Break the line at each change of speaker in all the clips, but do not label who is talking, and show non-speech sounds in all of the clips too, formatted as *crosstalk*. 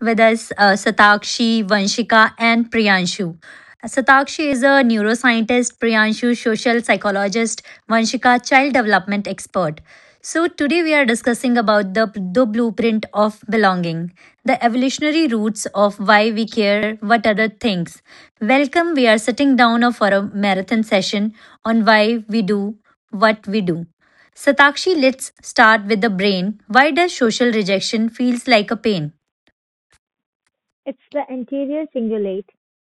with us Satakshi, Vanshika, and Priyanshu. Satakshi is a neuroscientist, Priyanshu, social psychologist, Vanshika, child development expert. So, today we are discussing about the blueprint of belonging, the evolutionary roots of why we care what other thinks. Welcome, we are sitting down for a marathon session on why we do what we do. Satakshi, let's start with the brain. Why does social rejection feels like a pain?
It's the anterior cingulate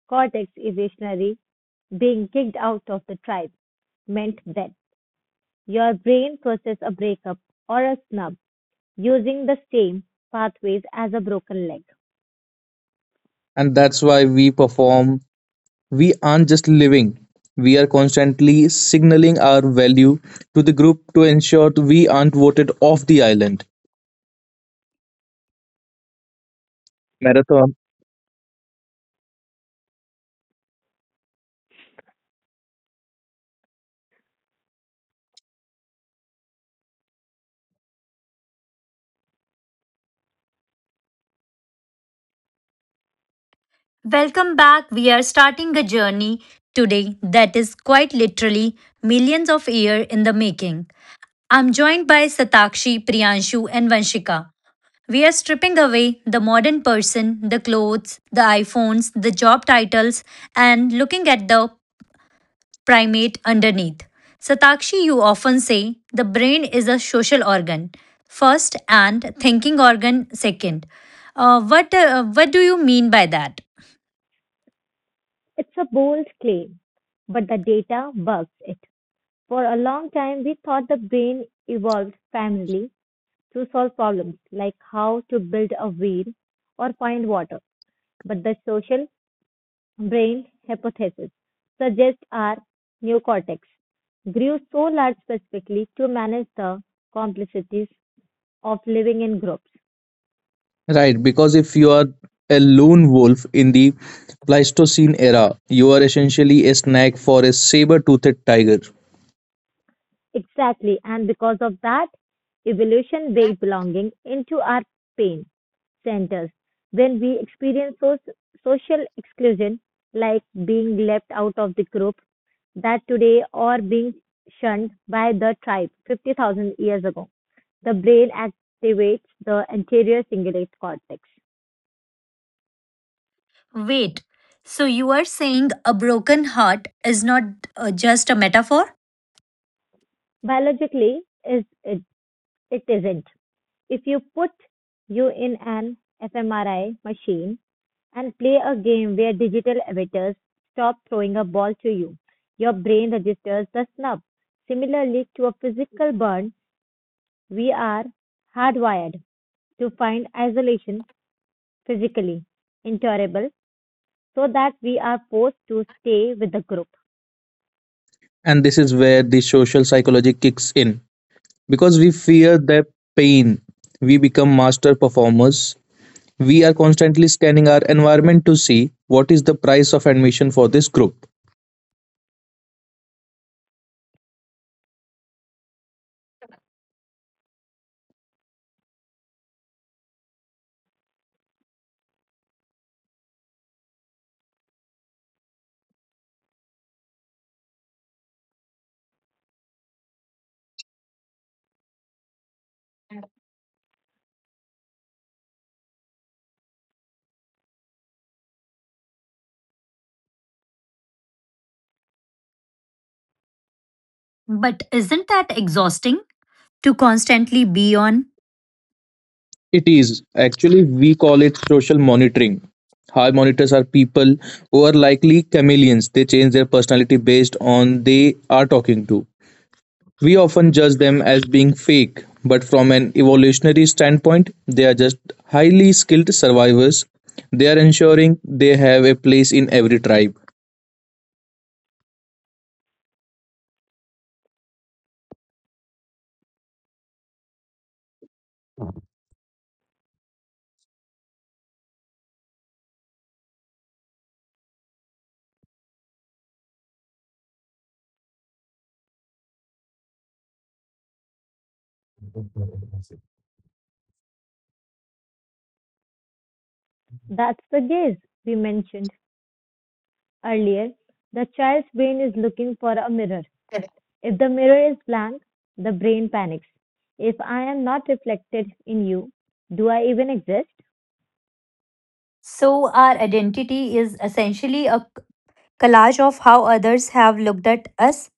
cortex evolutionary being kicked out of the tribe meant that your brain processes a breakup or a snub using the same pathways as a broken leg.
And that's why we perform. We aren't just living, we are constantly signaling our value to the group to ensure we aren't voted off the island. Marathon.
Welcome back. We are starting a journey today that is quite literally millions of years in the making. I'm joined by Satakshi, Priyanshu, and Vanshika. We are stripping away the modern person, the clothes, the iPhones, the job titles, and looking at the primate underneath. Satakshi, you often say the brain is a social organ, first, and thinking organ, second. What do you mean by that?
It's a bold claim, but the data bugs it. For a long time, we thought the brain evolved primarily to solve problems like how to build a wheel or find water, but the social brain hypothesis suggests our neocortex grew so large specifically to manage the complexities of living in groups.
Right, because if you are a lone wolf in the Pleistocene era, you are essentially a snack for a saber toothed tiger.
Exactly, and because of that, evolution baked belonging into our pain centers. When we experience social exclusion, like being left out of the group that today or being shunned by the tribe 50,000 years ago, the brain activates the anterior cingulate cortex.
Wait, so you are saying a broken heart is not just a metaphor?
Biologically, is it, it isn't. If you put you in an fMRI machine and play a game where digital avatars stop throwing a ball to you, your brain registers the snub. Similarly to a physical burn, we are hardwired to find isolation physically intolerable so that we are forced to stay with the group.
And this is where the social psychology kicks in. Because we fear their pain, we become master performers. We are constantly scanning our environment to see what is the price of admission for this group.
But isn't that exhausting to constantly be on?
It is actually, we call it social monitoring. High monitors are people who are likely chameleons. They change their personality based on they are talking to. We often judge them as being fake, but from an evolutionary standpoint, they are just highly skilled survivors. They are ensuring they have a place in every tribe.
That's the gaze we mentioned earlier, the child's brain is looking for a mirror. If the mirror is blank, the brain panics. If I am not reflected in you, do I even exist?
So, our identity is essentially a collage of how others have looked at us.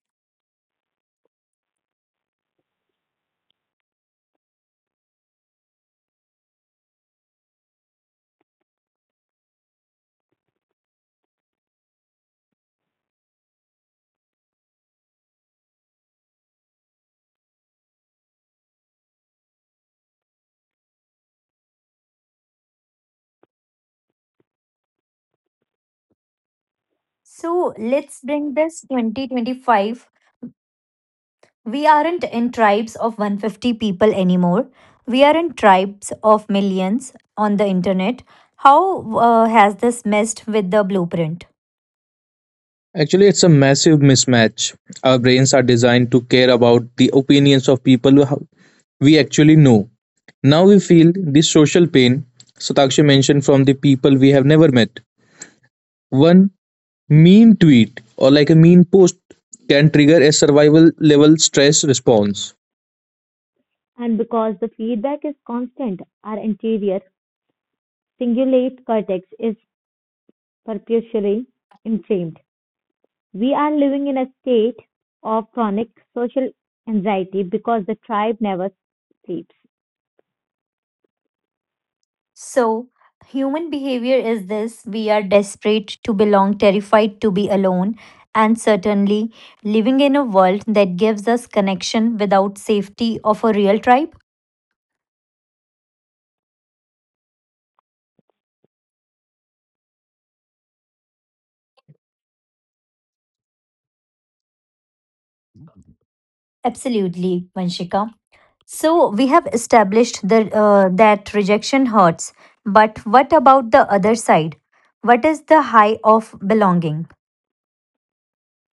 So, let's bring this 2025. We aren't in tribes of 150 people anymore. We are in tribes of millions on the internet. How has this messed with the blueprint?
Actually, it's a massive mismatch. Our brains are designed to care about the opinions of people who we actually know. Now we feel the social pain Satakshi mentioned from the people we have never met. One mean tweet or like a mean post can trigger a survival level stress response.
And because the feedback is constant, our anterior cingulate cortex is perpetually inflamed. We are living in a state of chronic social anxiety because the tribe never sleeps.
So, human behavior is this: we are desperate to belong, terrified to be alone, and certainly living in a world that gives us connection without safety of a real tribe? Absolutely, Vanshika. So we have established that rejection hurts, but what about the other side? What is the high of belonging?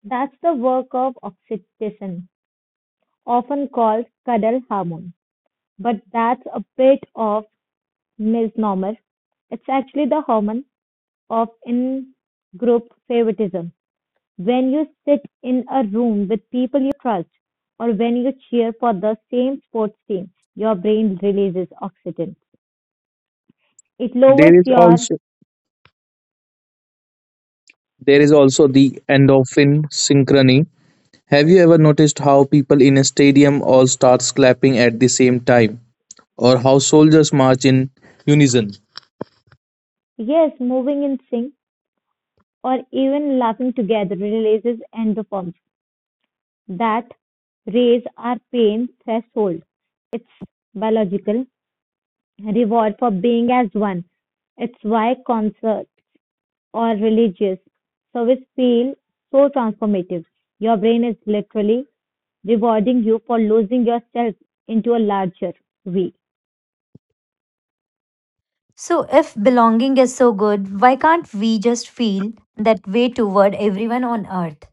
That's the work of oxytocin, often called cuddle hormone. But that's a bit of misnomer. It's actually the hormone of in-group favoritism. When you sit in a room with people you trust, or when you cheer for the same sports team, your brain releases oxytocin. It lowers
There is
your
also there is also the endorphin synchrony. Have you ever noticed how people in a stadium all start clapping at the same time or how soldiers march in unison?
yes, moving in sync, or even laughing together releases endorphins that raise our pain threshold. It's biological, reward for being as one. It's why concert or religious service feel so transformative. Your brain is literally rewarding you for losing yourself into a larger we.
So if belonging is so good, why can't we just feel that way toward everyone on earth?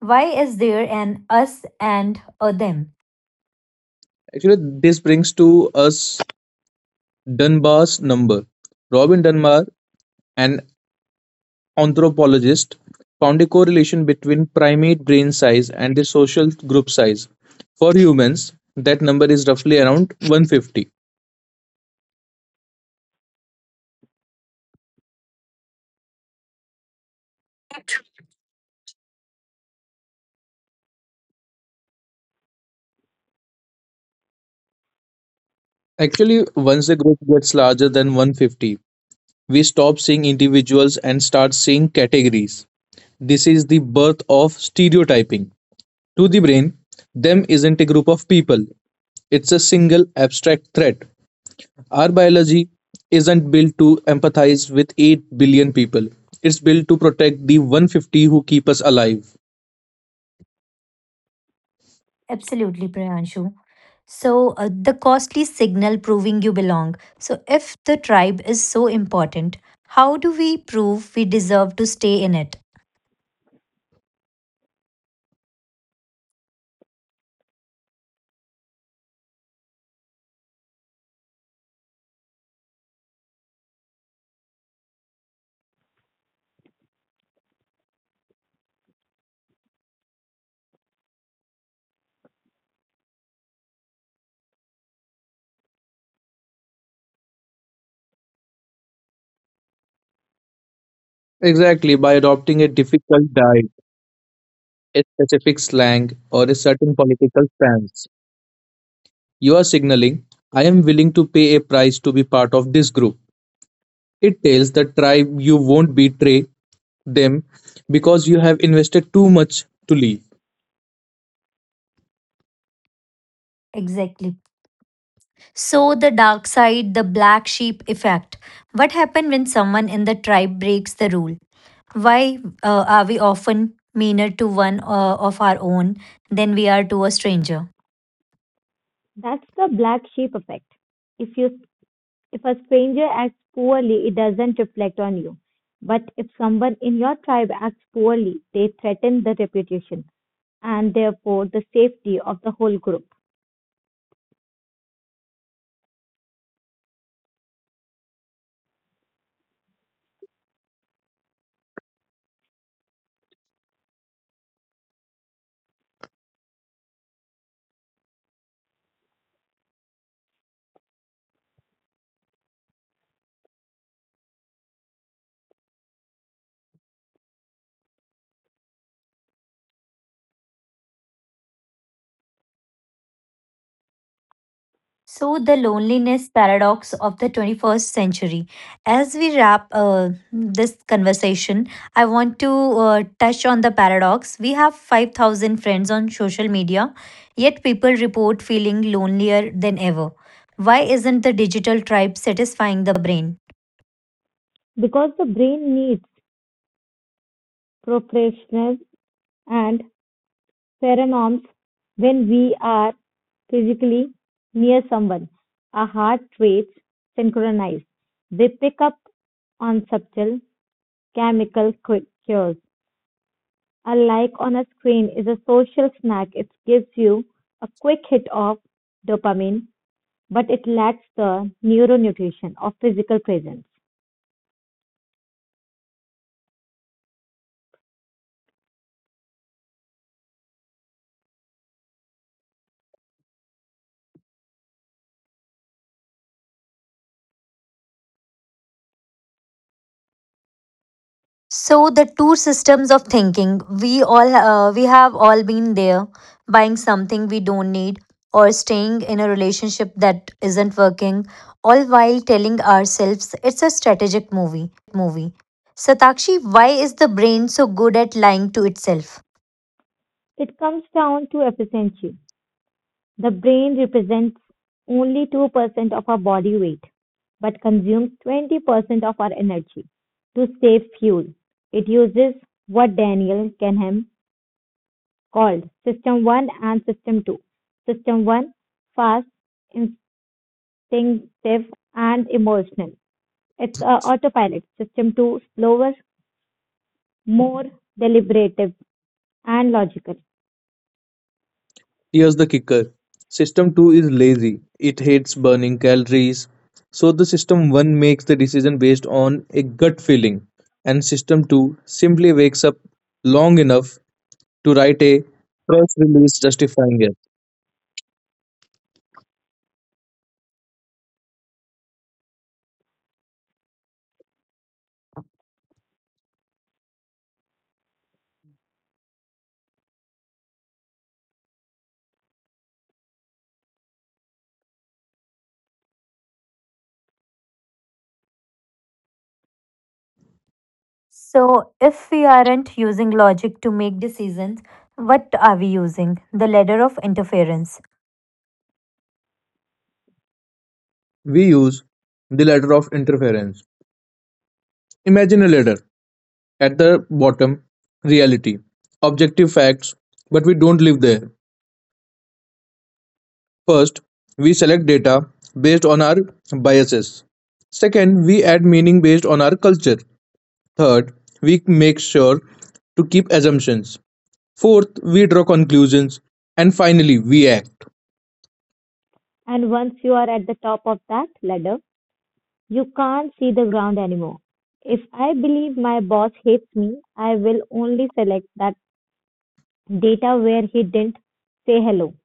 Why is there an us and a them?
Actually, this brings to us Dunbar's number. Robin Dunbar, an anthropologist, found a correlation between primate brain size and the social group size. For humans, that number is roughly around 150. Actually, once the group gets larger than 150, we stop seeing individuals and start seeing categories. This is the birth of stereotyping. To the brain, them isn't a group of people, it's a single abstract threat. Our biology isn't built to empathize with 8 billion people. It's built to protect the 150 who keep us alive.
Absolutely, Priyanshu. So the costly signal proving you belong. So if the tribe is so important, how do we prove we deserve to stay in it?
Exactly, by adopting a difficult diet, a specific slang, or a certain political stance. You are signaling, I am willing to pay a price to be part of this group. It tells the tribe you won't betray them because you have invested too much to leave.
Exactly. So, the dark side, the black sheep effect. What happens when someone in the tribe breaks the rule? Why are we often meaner to one of our own than we are to a stranger?
That's the black sheep effect. If you if a stranger acts poorly, it doesn't reflect on you. But if someone in your tribe acts poorly, they threaten the reputation and therefore the safety of the whole group.
So, the loneliness paradox of the 21st century. As we wrap this conversation, I want to touch on the paradox. We have 5,000 friends on social media, yet people report feeling lonelier than ever. Why isn't the digital tribe satisfying the brain?
Because the brain needs professional and pheromones when we are physically near someone. Our heart rates synchronize. They pick up on subtle chemical cues. A like on a screen is a social snack. It gives you a quick hit of dopamine, but it lacks the neuronutrition of physical presence.
So the two systems of thinking, we all we have all been there buying something we don't need or staying in a relationship that isn't working, all while telling ourselves it's a strategic movie. Satakshi, why is the brain so good at lying to itself?
It comes down to efficiency. The brain represents only 2% of our body weight, but consumes 20% of our energy. To save fuel, it uses what Daniel Kahneman called System 1 and System 2. System 1, fast, instinctive, and emotional. It's a autopilot. System 2, slower, more deliberative, and logical.
Here's the kicker: System two is lazy. It hates burning calories, so the System one makes the decision based on a gut feeling, and System two simply wakes up long enough to write a press release justifying it.
So if we aren't using logic to make decisions, what are we using? The ladder of interference.
We use the ladder of interference. Imagine a ladder. At the bottom, reality, objective facts, but we don't live there. First, we select data based on our biases. Second, we add meaning based on our culture. Third, we make sure to keep assumptions. Fourth, we draw conclusions. And finally, we act.
And once you are at the top of that ladder, you can't see the ground anymore. If I believe my boss hates me, I will only select that data where he didn't say hello,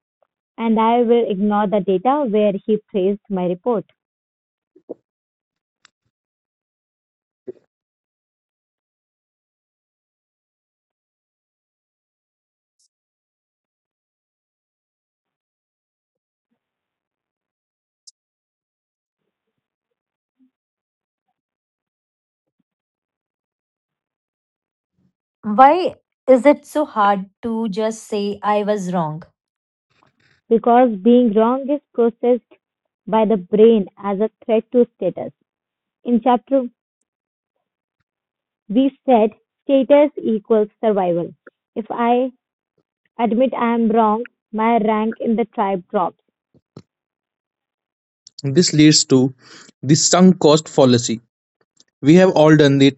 and I will ignore the data where he praised my report.
Why is it so hard to just say I was wrong?
Because being wrong is processed by the brain as a threat to status. In chapter, we said status equals survival. If I admit I am wrong, my rank in the tribe drops.
This leads to the sunk cost fallacy. We have all done it,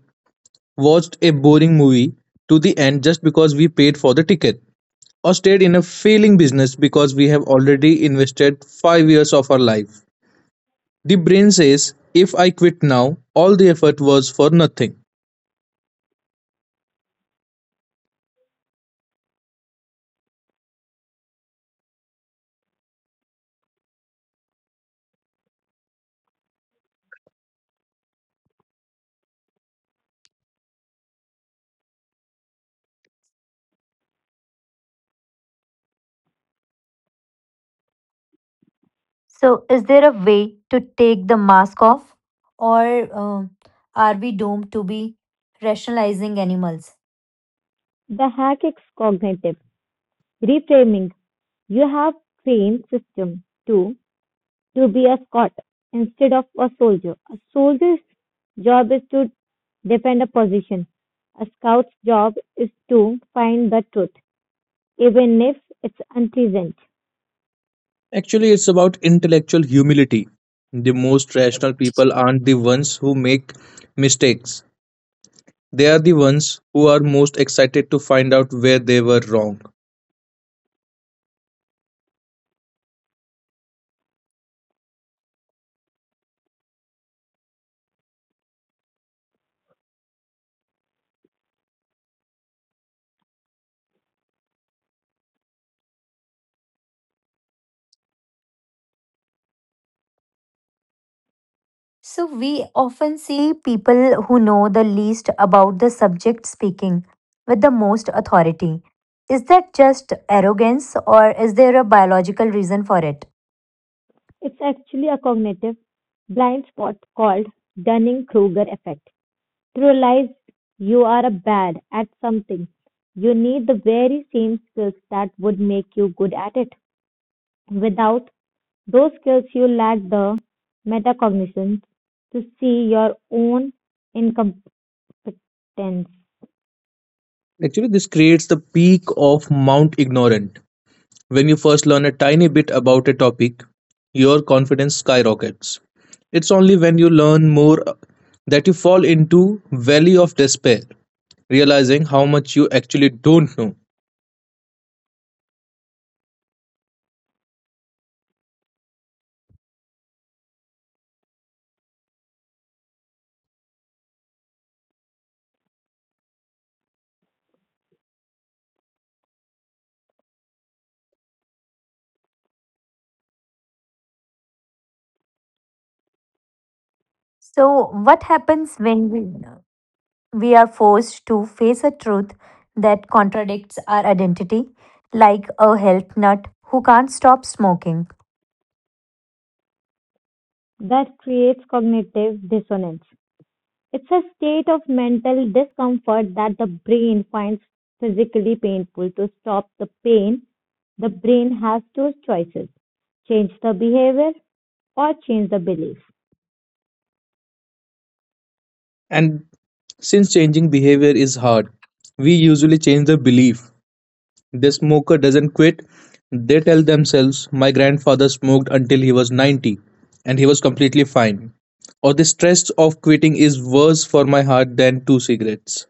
watched a boring movie to the end just because we paid for the ticket, or stayed in a failing business because we have already invested 5 years of our life. The brain says, if I quit now, all the effort was for nothing.
So, is there a way to take the mask off, or uh, are we doomed to be rationalizing animals?
The hack is cognitive reframing. You have trained system to to be a Scot instead of a soldier. A soldier's job is to defend a position. A scout's job is to find the truth, even if it's unpleasant.
Actually, it's about intellectual humility. The most rational people aren't the ones who make mistakes, they are the ones who are most excited to find out where they were wrong.
So, we often see people who know the least about the subject speaking with the most authority. Is that just arrogance, or is there a biological reason for it?
It's actually a cognitive blind spot called Dunning Kruger effect. To realize you are bad at something, you need the very same skills that would make you good at it. Without those skills you lack the metacognition to see your own incompetence. That
Actually, this creates the peak of Mount Ignorant. When you first learn a tiny bit about a topic, your confidence skyrockets. It's only when you learn more that you fall into valley of despair, realizing how much you actually don't know.
So, what happens when we are forced to face a truth that contradicts our identity, like a health nut who can't stop smoking?
creates cognitive dissonance. It's a state of mental discomfort that the brain finds physically painful. To stop the pain, the brain has two choices change the behavior or change the belief.
And since changing behavior is hard, we usually change the belief. The smoker doesn't quit. They tell themselves, my grandfather smoked until he was 90 and he was completely fine. Or the stress of quitting is worse for my heart than two cigarettes.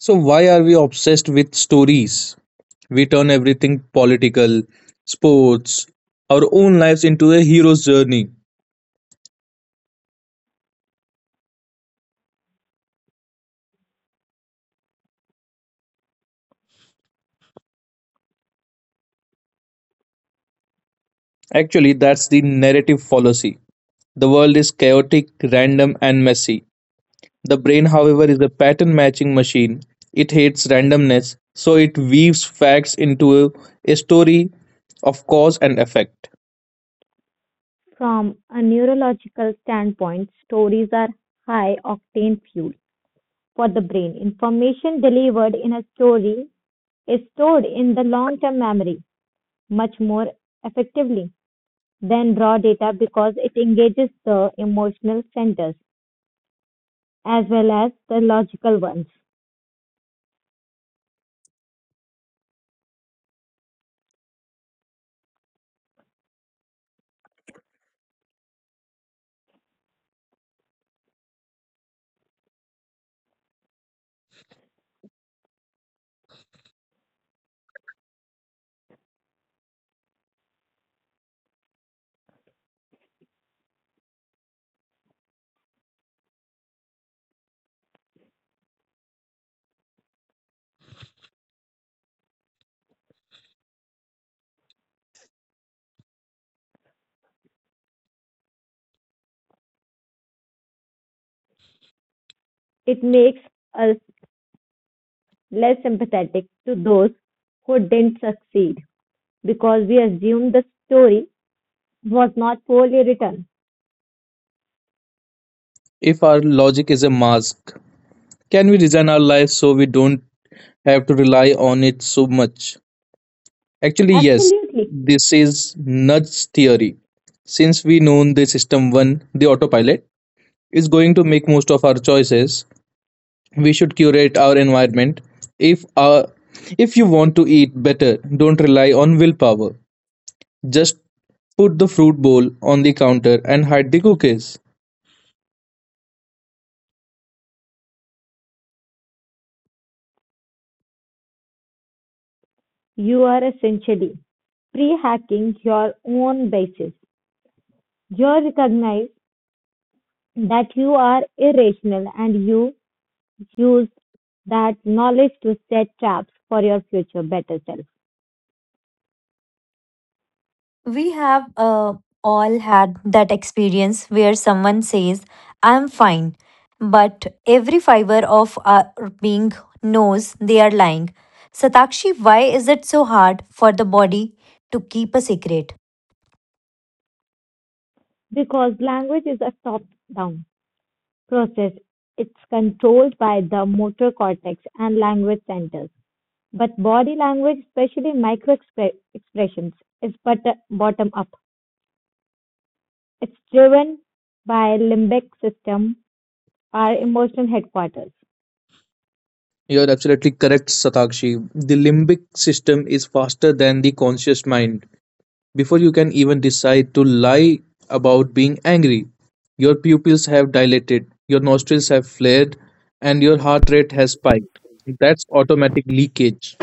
So, why are we obsessed with stories? We turn everything political, sports, our own lives into a hero's journey. Actually, that's the narrative fallacy. The world is chaotic, random, and messy. The brain, however, is a pattern matching machine. It hates randomness, so it weaves facts into a story of cause and effect.
From a neurological standpoint, stories are high octane fuel for the brain. Information delivered in a story is stored in the long term memory much more effectively than raw data because it engages the emotional centers as well as the logical ones. It makes us less sympathetic to those who didn't succeed because we assume the story was not poorly written.
If our logic is a mask, can we design our lives so we don't have to rely on it so much? Actually, yes,
Absolutely,
this is nudge theory. Since we know the system 1, the autopilot, is going to make most of our choices, we should curate our environment. If if you want to eat better, don't rely on willpower, just put the fruit bowl on the counter and hide the cookies.
you are essentially pre hacking your own biases. You recognize that you are irrational and you use that knowledge to set traps for your future better self.
We have all had that experience where someone says, I'm fine, but every fiber of our being knows they are lying. Satakshi, why is it so hard for the body to keep a secret?
Because language is a top down process, it's controlled by the motor cortex and language centers. But body language, especially micro expressions, is but bottom up. It's driven by limbic system, our emotional headquarters.
You're absolutely correct, Satakshi. The limbic system is faster than the conscious mind. Before you can even decide to lie about being angry, your pupils have dilated, your nostrils have flared, and your heart rate has spiked. That's automatic leakage.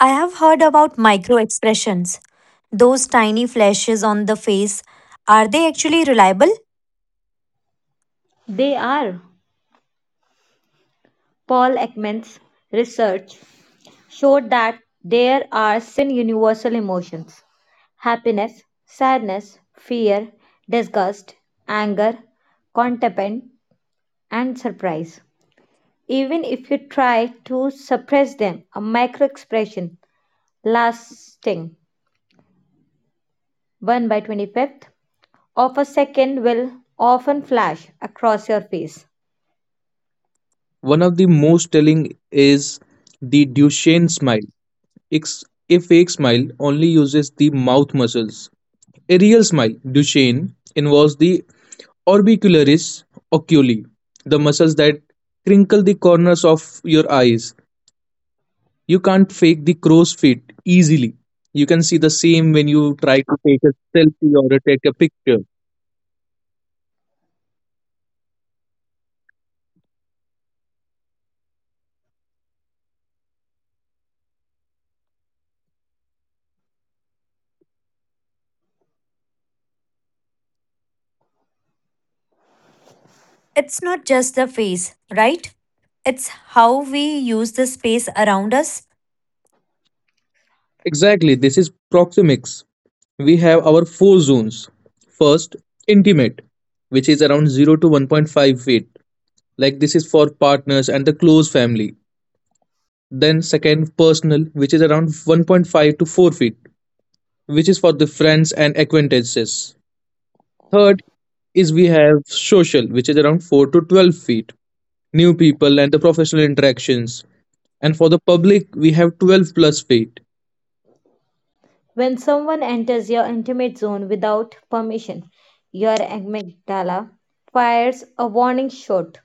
I have heard about micro expressions. Those tiny flashes on the face, are they actually reliable?
They are. Paul Ekman's research showed that there are seven universal emotions happiness, sadness, fear, disgust, anger, contentment, and surprise. Even if you try to suppress them, a micro expression lasting 1 by 25th of a second will often flash across your face.
One of the most telling is the Duchenne smile. It's a fake smile only uses the mouth muscles. A real smile, Duchenne, involves the orbicularis oculi, the muscles that crinkle the corners of your eyes. You can't fake the crow's feet easily. You can see the same when you try to take a selfie or take a picture.
It's not just the face, right? It's how we use the space around us.
Exactly, this is proxemics. We have our four zones. First, intimate, which is around 0 to 1.5 feet. Like this is for partners and the close family. Then, second, personal, which is around 1.5 to 4 feet, which is for the friends and acquaintances. Third is we have social, which is around 4 to 12 feet. New people and the professional interactions. And for the public, we have 12 plus feet.
When someone enters your intimate zone without permission, your amygdala fires a warning shot.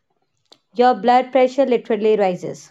Your blood pressure literally rises.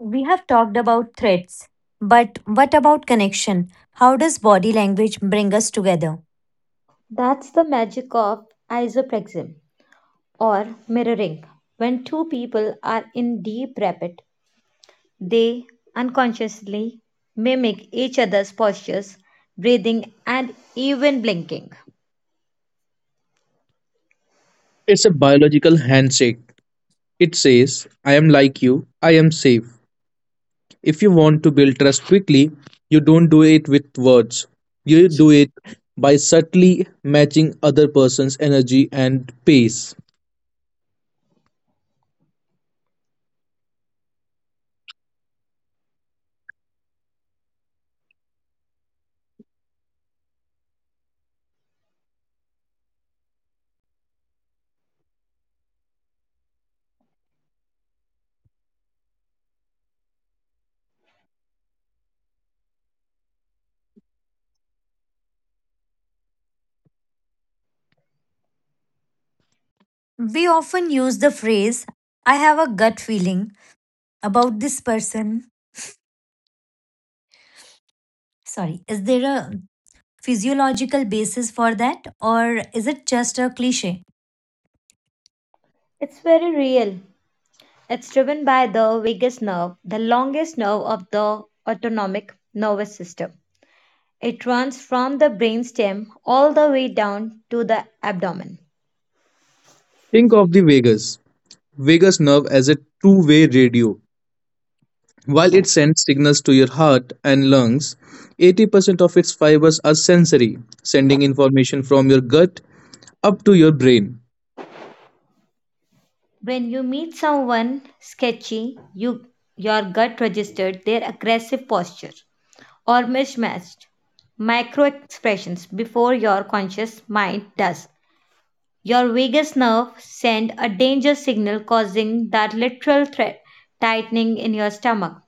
We have talked about threats, but what about connection? How does body language bring us together?
That's the magic of isoprexim or mirroring. When two people are in deep rapid, they unconsciously mimic each other's postures, breathing, and even blinking.
It's a biological handshake. It says, I am like you, I am safe. If you want to build trust quickly, you don't do it with words. You do it by subtly matching other person's energy and pace.
We often use the phrase, I have a gut feeling about this person. Sorry, is there a physiological basis for that, or is it just a cliche?
It's very real. It's driven by the vagus nerve, the longest nerve of the autonomic nervous system. It runs from the brainstem all the way down to the abdomen.
Think of the vagus nerve as a two-way radio. While it sends signals to your heart and lungs, 80% of its fibers are sensory, sending information from your gut up to your brain.
When you meet someone sketchy, your gut registered their aggressive posture or mismatched micro expressions before your conscious mind does. Your vagus nerve send a danger signal causing that literal threat tightening in your stomach.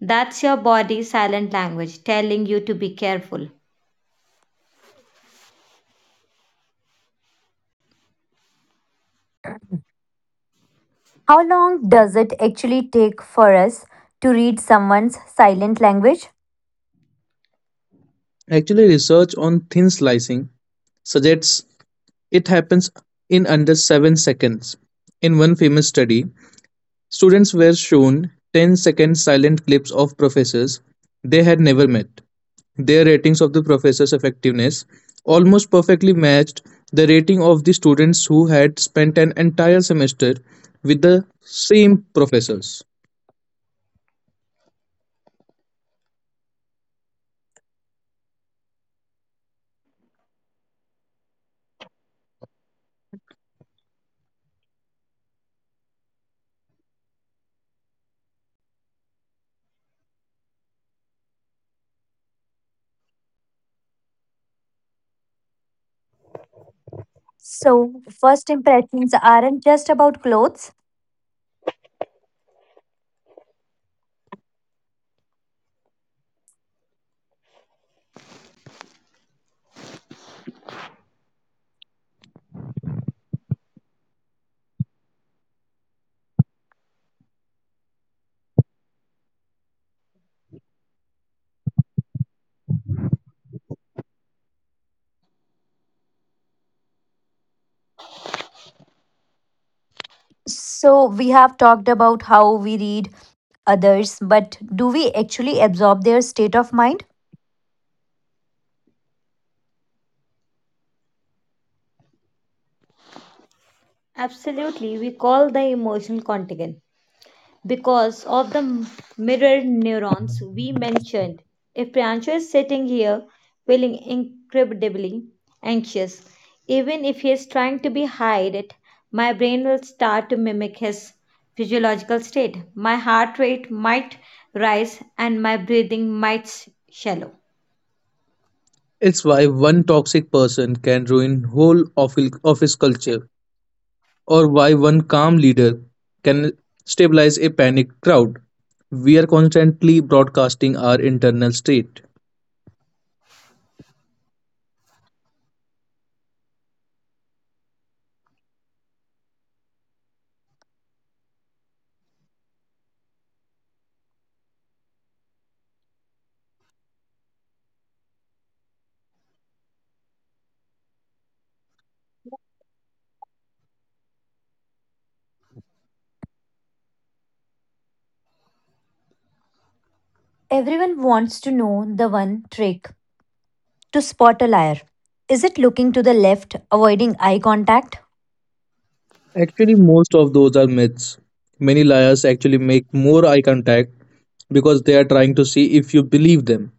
That's your body's silent language telling you to be careful.
How long does it actually take for us to read someone's silent language?
Actually, research on thin slicing suggests it happens in under 7 seconds. In one famous study, students were shown ten-second silent clips of professors they had never met. Their ratings of the professors' effectiveness almost perfectly matched the rating of the students who had spent an entire semester with the same professors.
So, first impressions aren't just about clothes. So, we have talked about how we read others, but do we actually absorb their state of mind?
Absolutely, we call the emotional contagion. Because of the mirror neurons we mentioned. If Priyanshu is sitting here feeling incredibly anxious, even if he is trying to be hide it, my brain will start to mimic his physiological state. My heart rate might rise and my breathing might shallow.
It's why one toxic person can ruin office culture or why one calm leader can stabilize a panicked crowd. We are constantly broadcasting our internal state.
Everyone wants to know the one trick to spot a liar. Is it looking to the left, avoiding eye contact?
Actually, most of those are myths. Many liars actually make more eye contact because they are trying to see if you believe them.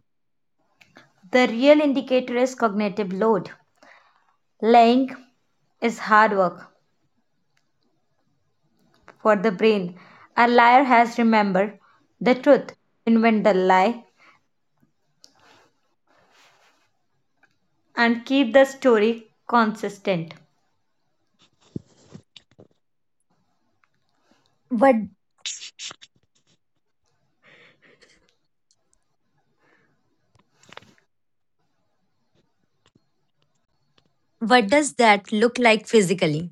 The real indicator is cognitive load. Lying is hard work for the brain. A liar has remembered the truth, invent the lie, and keep the story consistent.
But what does that look like physically?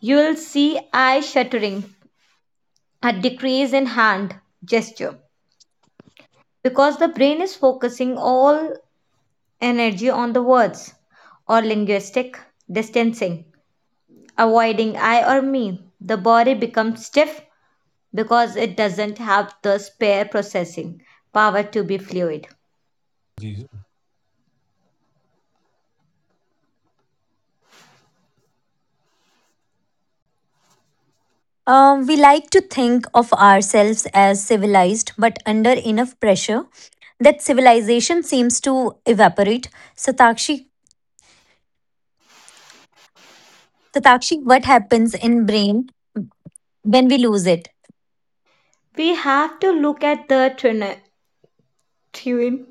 You'll see eye shuttering, a decrease in hand gesture, because the brain is focusing all energy on the words or linguistic distancing, avoiding I or me. The body becomes stiff because it doesn't have the spare processing power to be fluid.
We like to think of ourselves as civilized, but under enough pressure that civilization seems to evaporate. Satakshi, Satakshi, what happens in brain when we lose it?
We have to look at the twin.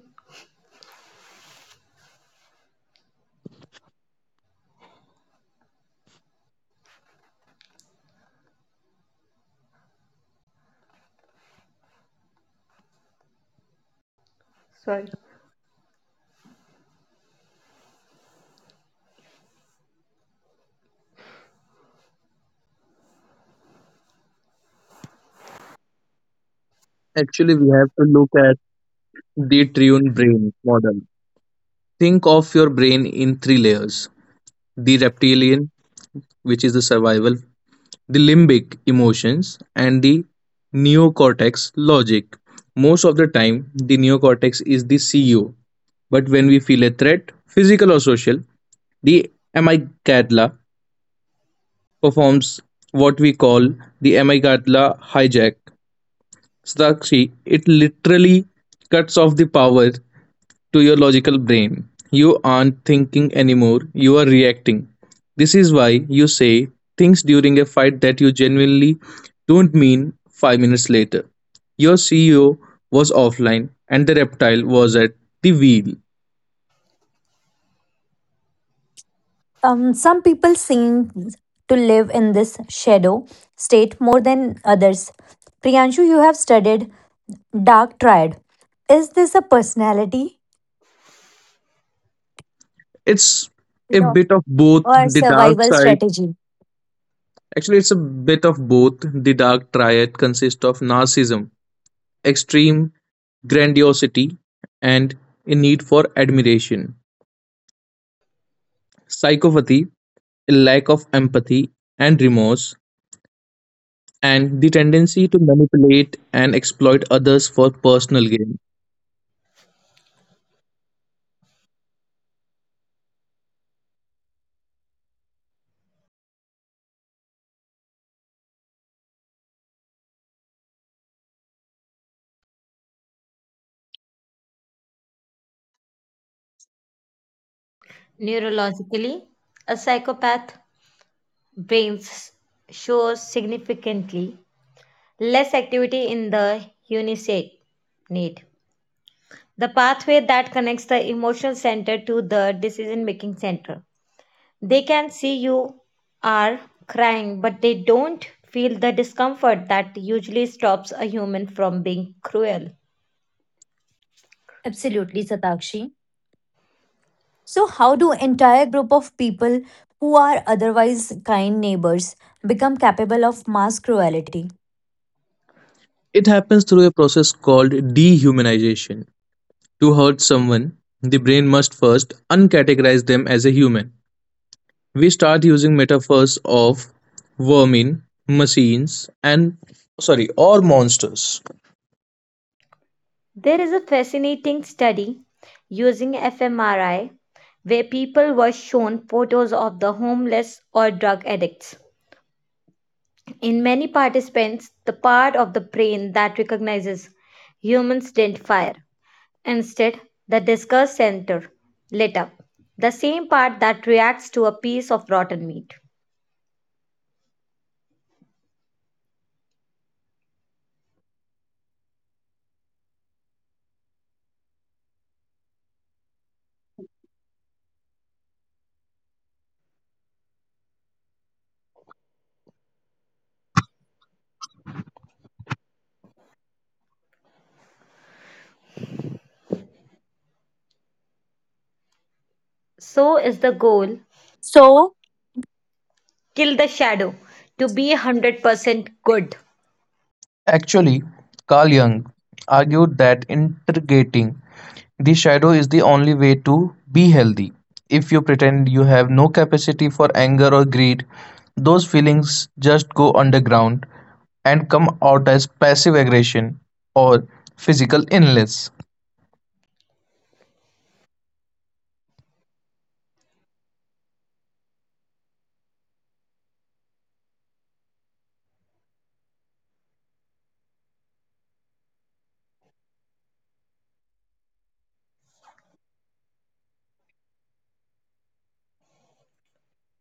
Sorry.
Actually, we have to look at the triune brain model. Think of your brain in three layers, the reptilian, which is the survival, the limbic emotions, and the neocortex logic. Most of the time, the neocortex is the CEO, but when we feel a threat, physical or social, the amygdala performs what we call the amygdala hijack. Sakshi, it literally cuts off the power to your logical brain. You aren't thinking anymore, you are reacting. This is why you say things during a fight that you genuinely don't mean 5 minutes later. Your CEO was offline and the reptile was at the wheel.
Some people seem to live in this shadow state more than others. Priyanshu, you have studied Dark Triad. Is this a personality
It's a
No.
bit of both
or
the dark
survival
side
strategy?
Actually, it's a bit of both. The dark triad consists of narcissism, extreme grandiosity, and a need for admiration. Psychopathy, a lack of empathy and remorse, and the tendency to manipulate and exploit others for personal gain.
Neurologically, a psychopath brains shows significantly less activity in the unisate need. The pathway that connects the emotional center to the decision making center. They can see you are crying, but they don't feel the discomfort that usually stops a human from being cruel.
Absolutely, Satakshi. So, how do entire group of people who are otherwise kind neighbors become capable of mass cruelty?
It happens through a process called dehumanization. To hurt someone, the brain must first uncategorize them as a human. We start using metaphors of vermin, machines, and sorry, or monsters.
There is a fascinating study using fMRI where people were shown photos of the homeless or drug addicts. In many participants, the part of the brain that recognizes humans didn't fire. Instead, the disgust center lit up, the same part that reacts to a piece of rotten meat. So is the goal
So,
kill the shadow to be 100% good.
Actually, Carl Jung argued that integrating the shadow is the only way to be healthy. If you pretend you have no capacity for anger or greed, those feelings just go underground and come out as passive aggression or physical illness.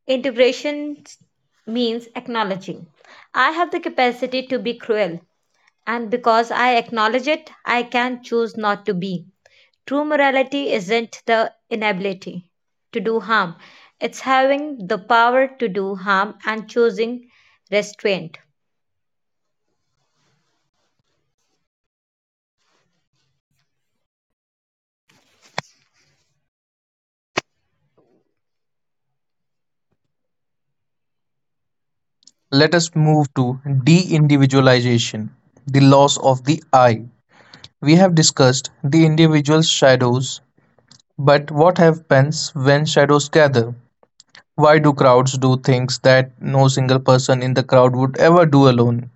Integration means acknowledging. I have the capacity to be cruel, and because I acknowledge it, I can choose not to be. True morality isn't the inability to do harm, it's having the power to do harm and choosing restraint.
Let us move to de individualization, the loss of the I. We have discussed the individual shadows, but what happens when shadows gather? Why do crowds do things that no single person in the crowd would ever do alone?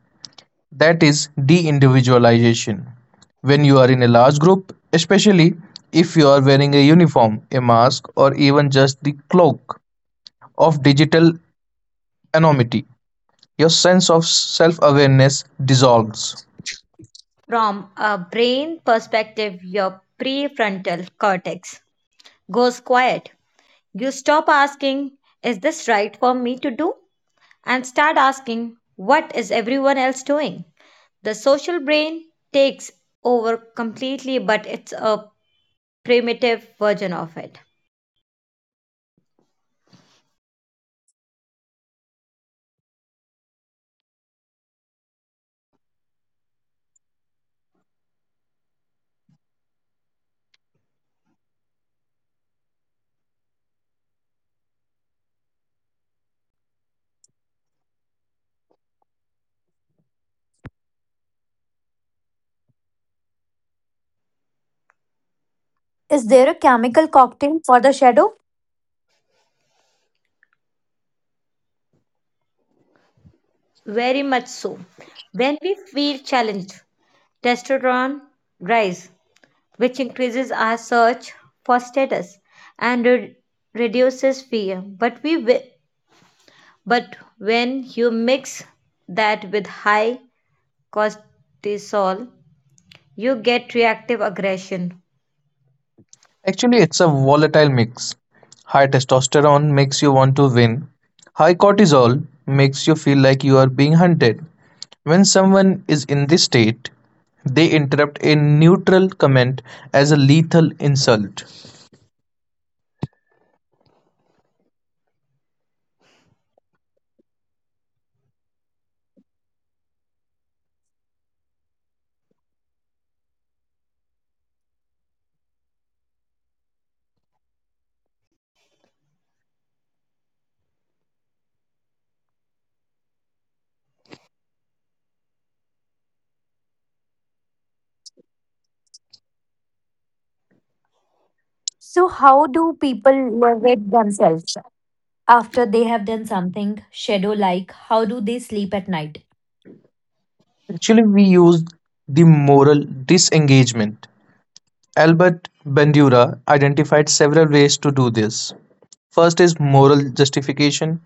That is de individualization. When you are in a large group, especially if you are wearing a uniform, a mask, or even just the cloak of digital anonymity, your sense of self awareness dissolves.
From a brain perspective, your prefrontal cortex goes quiet. You stop asking, is this right for me to do? And start asking, what is everyone else doing? The social brain takes over completely, but it's a primitive version of it.
is there a chemical cocktail for the shadow?
Very much so. When we feel challenged, testosterone rise, which increases our search for status and reduces fear. But we wi- but when you mix that with high cortisol, you get reactive aggression.
Actually, it's a volatile mix. High testosterone makes you want to win. High cortisol makes you feel like you are being hunted. When someone is in this state, they interrupt a neutral comment as a lethal insult.
So, how do people liberate themselves after they have done done something shadow like. How do they sleep at night?
Actually, we use the moral disengagement. Albert Bandura identified several ways to do this. First is moral justification.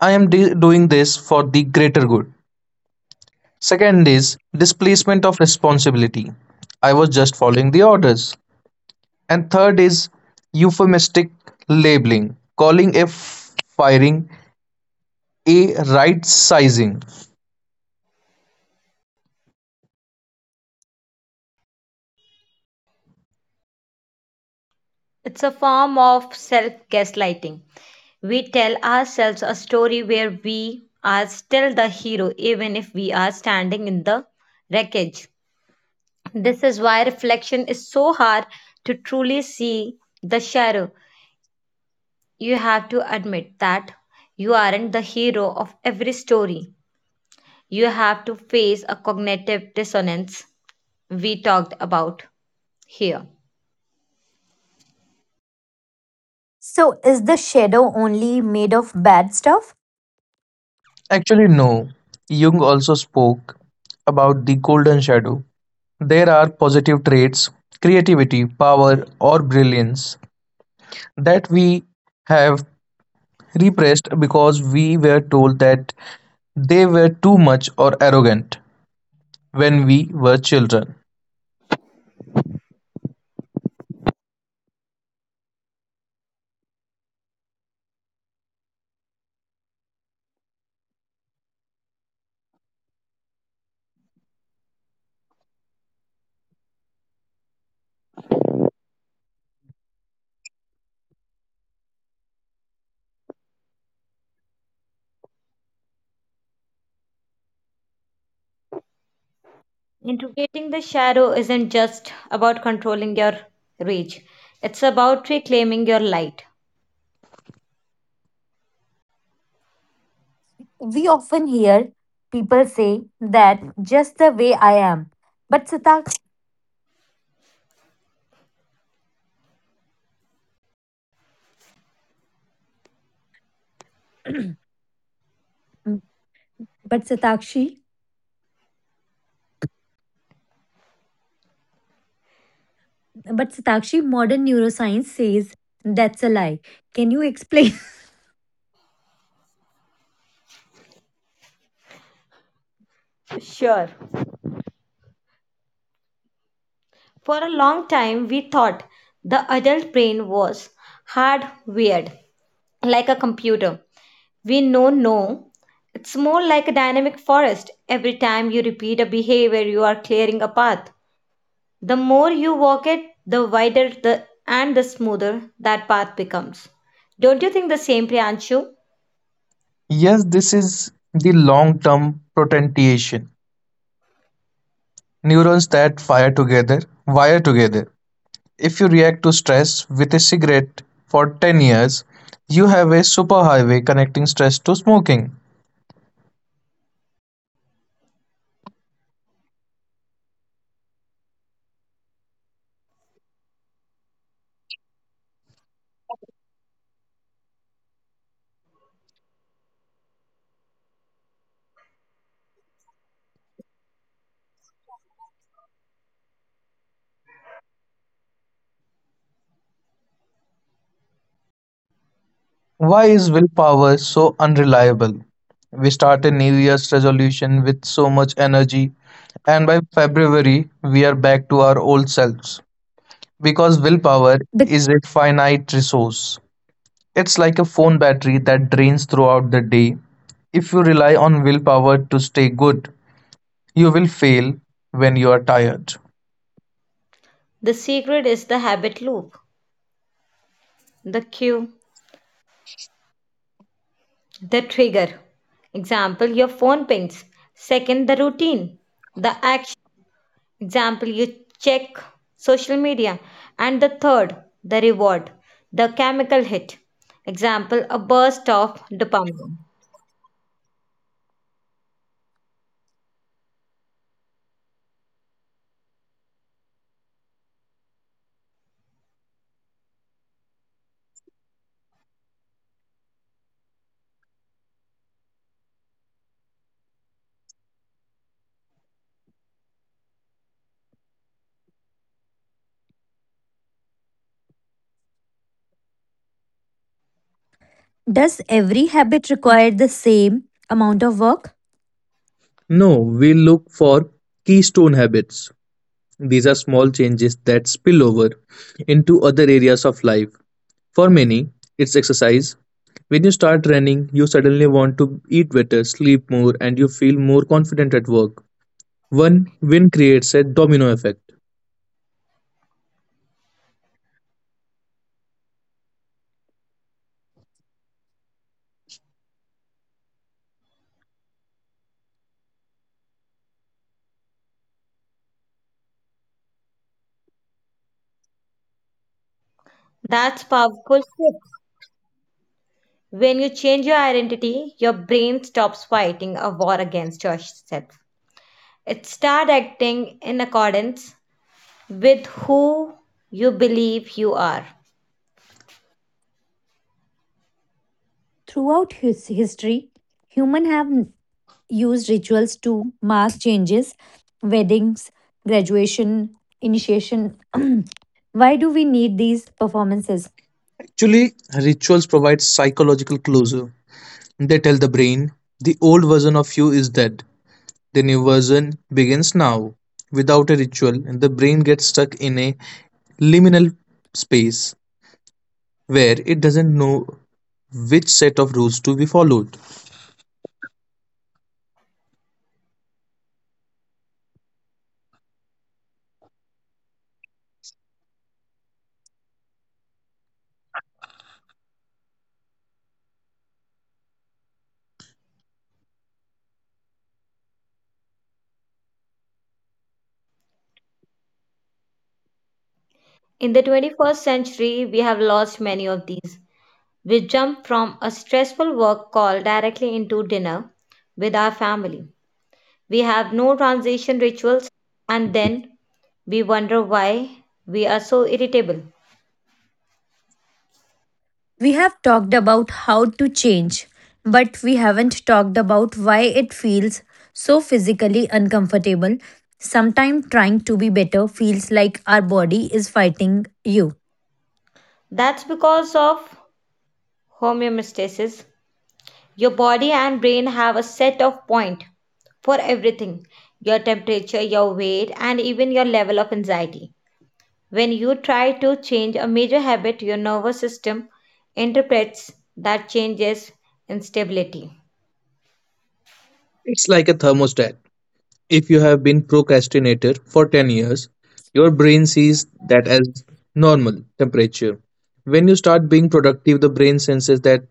I am doing this for the greater good. Second is displacement of responsibility. I was just following the orders. And third is euphemistic labeling, calling a firing a right sizing.
It's a form of self-gaslighting. We tell ourselves a story where we are still the hero even if we are standing in the wreckage. This is why reflection is so hard to truly see the shadow. You have to admit that you aren't the hero of every story. You have to face a cognitive dissonance we talked about here.
So, is the shadow only made of bad stuff?
Actually, no. Jung also spoke about the golden shadow. There are positive traits, creativity, power, or brilliance that we have repressed because we were told that they were too much or arrogant when we were children.
Integrating the shadow isn't just about controlling your rage, it's about reclaiming your light.
We often hear people say that just the way I am. But Satak *clears throat* but Satakshi but Satakshi modern neuroscience says that's a lie. Can you explain
Sure. For a long time, we thought the adult brain was hardwired like a computer. We know no. It's more like a dynamic forest. Every time you repeat a behavior, you are clearing a path. The more you walk it, the wider the and the smoother that path becomes. Don't you think the same, Priyanshu?
Yes, this is the long-term potentiation. Neurons that fire together wire together. If you react to stress with a cigarette for 10 years, you have a superhighway connecting stress to smoking. Why is willpower so unreliable? We start a New Year's resolution with so much energy, and by February, we are back to our old selves. Because willpower
*laughs* the
is a finite resource. It's like a phone battery that drains throughout the day. If you rely on willpower to stay good, you will fail when you are tired.
The secret is the habit loop, the cue, the trigger. Example, your phone pings. Second, the routine, the action. Example you check social media and the third the reward the chemical hit example a burst of dopamine
does every habit require the same amount of work?
No, we look for keystone habits. These are small changes that spill over into other areas of life. For many, it's exercise. When you start running, you suddenly want to eat better, sleep more, and you feel more confident at work. One win creates a domino effect.
that's powerful shift. When you change your identity, your brain stops fighting a war against yourself. It starts acting in accordance with who you believe you are.
Throughout his history, humans have used rituals to mark changes, weddings, graduation, initiation. *clears throat* Why do we need these performances?
Actually, rituals provide psychological closure. They tell the brain the old version of you is dead. The new version begins now. Without a ritual, the brain gets stuck in a liminal space where it doesn't know which set of rules to be followed.
In the 21st century, we have lost many of these. We jump from a stressful work call directly into dinner with our family. We have no transition rituals, and then we wonder why we are so irritable.
We have talked about how to change, but we haven't talked about why it feels so physically uncomfortable. Sometimes trying to be better feels like our body is fighting you.
That's because of homeostasis. Your body and brain have a set of point for everything: your temperature, your weight, and even your level of anxiety. When you try to change a major habit, your nervous system interprets that change as instability.
It's like a thermostat. If you have been procrastinator for 10 years, your brain sees that as normal temperature. When you start being productive, the brain senses that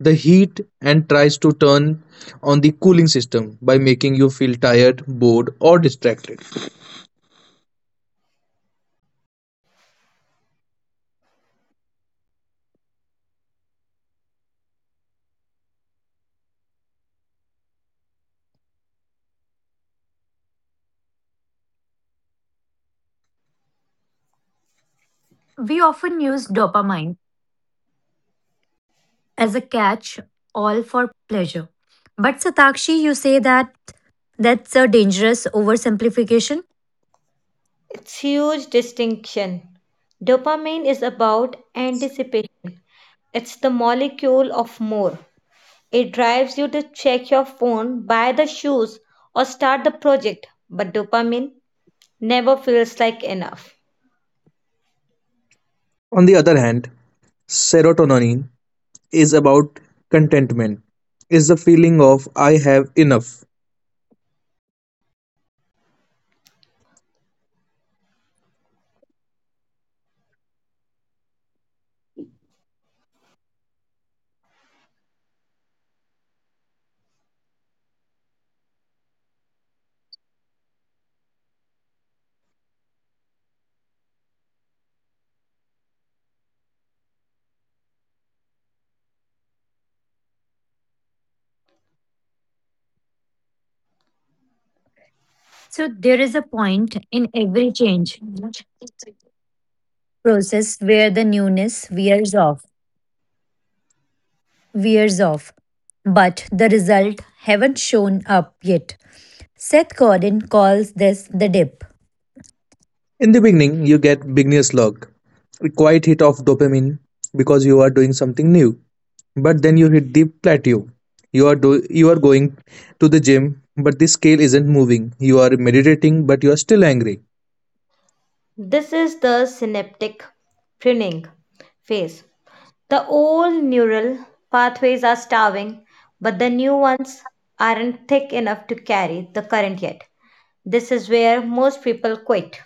the heat and tries to turn on the cooling system by making you feel tired, bored, or distracted.
We often use dopamine as a catch all for pleasure. But Satakshi, you say that that's a dangerous oversimplification.
It's huge distinction. Dopamine is about anticipation. It's the molecule of more. It drives you to check your phone, buy the shoes, or start the project, but dopamine never feels like enough.
On the other hand, serotonin is about contentment, is the feeling of I have enough.
So there is a point in every change process where the newness wears off, but the result haven't shown up yet. Seth Godin calls this the dip.
In the beginning, you get beginner's luck, a quiet hit of dopamine because you are doing something new. But then you hit the plateau. You are going to the gym, but the scale isn't moving. You are meditating, but you are still angry.
This is the synaptic pruning phase. The old neural pathways are starving, but the new ones aren't thick enough to carry the current yet. This is where most people quit.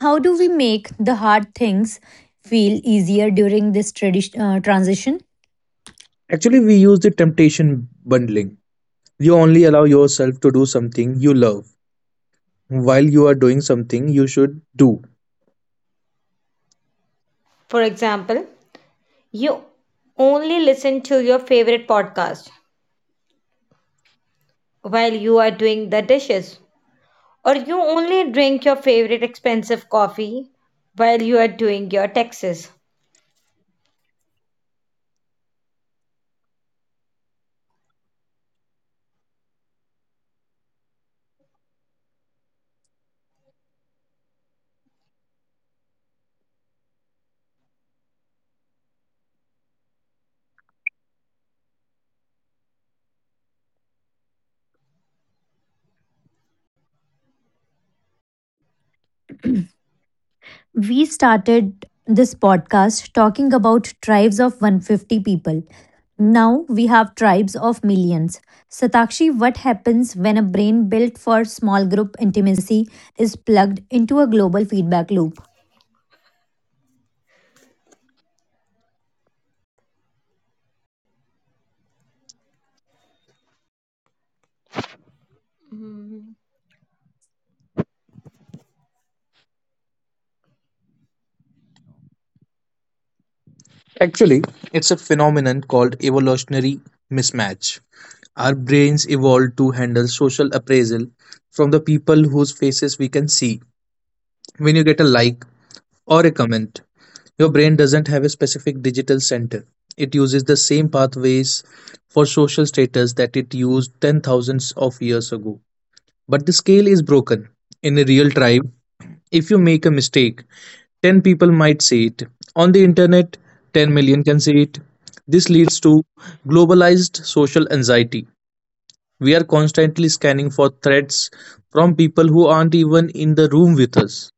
How do we make the hard things feel easier during this transition?
Actually, we use the temptation bundling. You only allow yourself to do something you love while you are doing something you should do.
For example, you only listen to your favorite podcast while you are doing the dishes, or you only drink your favorite expensive coffee while you are doing your taxes
We started this podcast talking about tribes of 150 people. Now we have tribes of millions. Satakshi, what happens when a brain built for small group intimacy is plugged into a global feedback loop?
Actually, it's a phenomenon called evolutionary mismatch. Our brains evolved to handle social appraisal from the people whose faces we can see. When you get a like or a comment, your brain doesn't have a specific digital center. It uses the same pathways for social status that it used 10,000s of years ago. But the scale is broken. In a real tribe, if you make a mistake, 10 people might say it. On the internet, 10 million can say it. This leads to globalized social anxiety. We are constantly scanning for threats from people who aren't even in the room with us.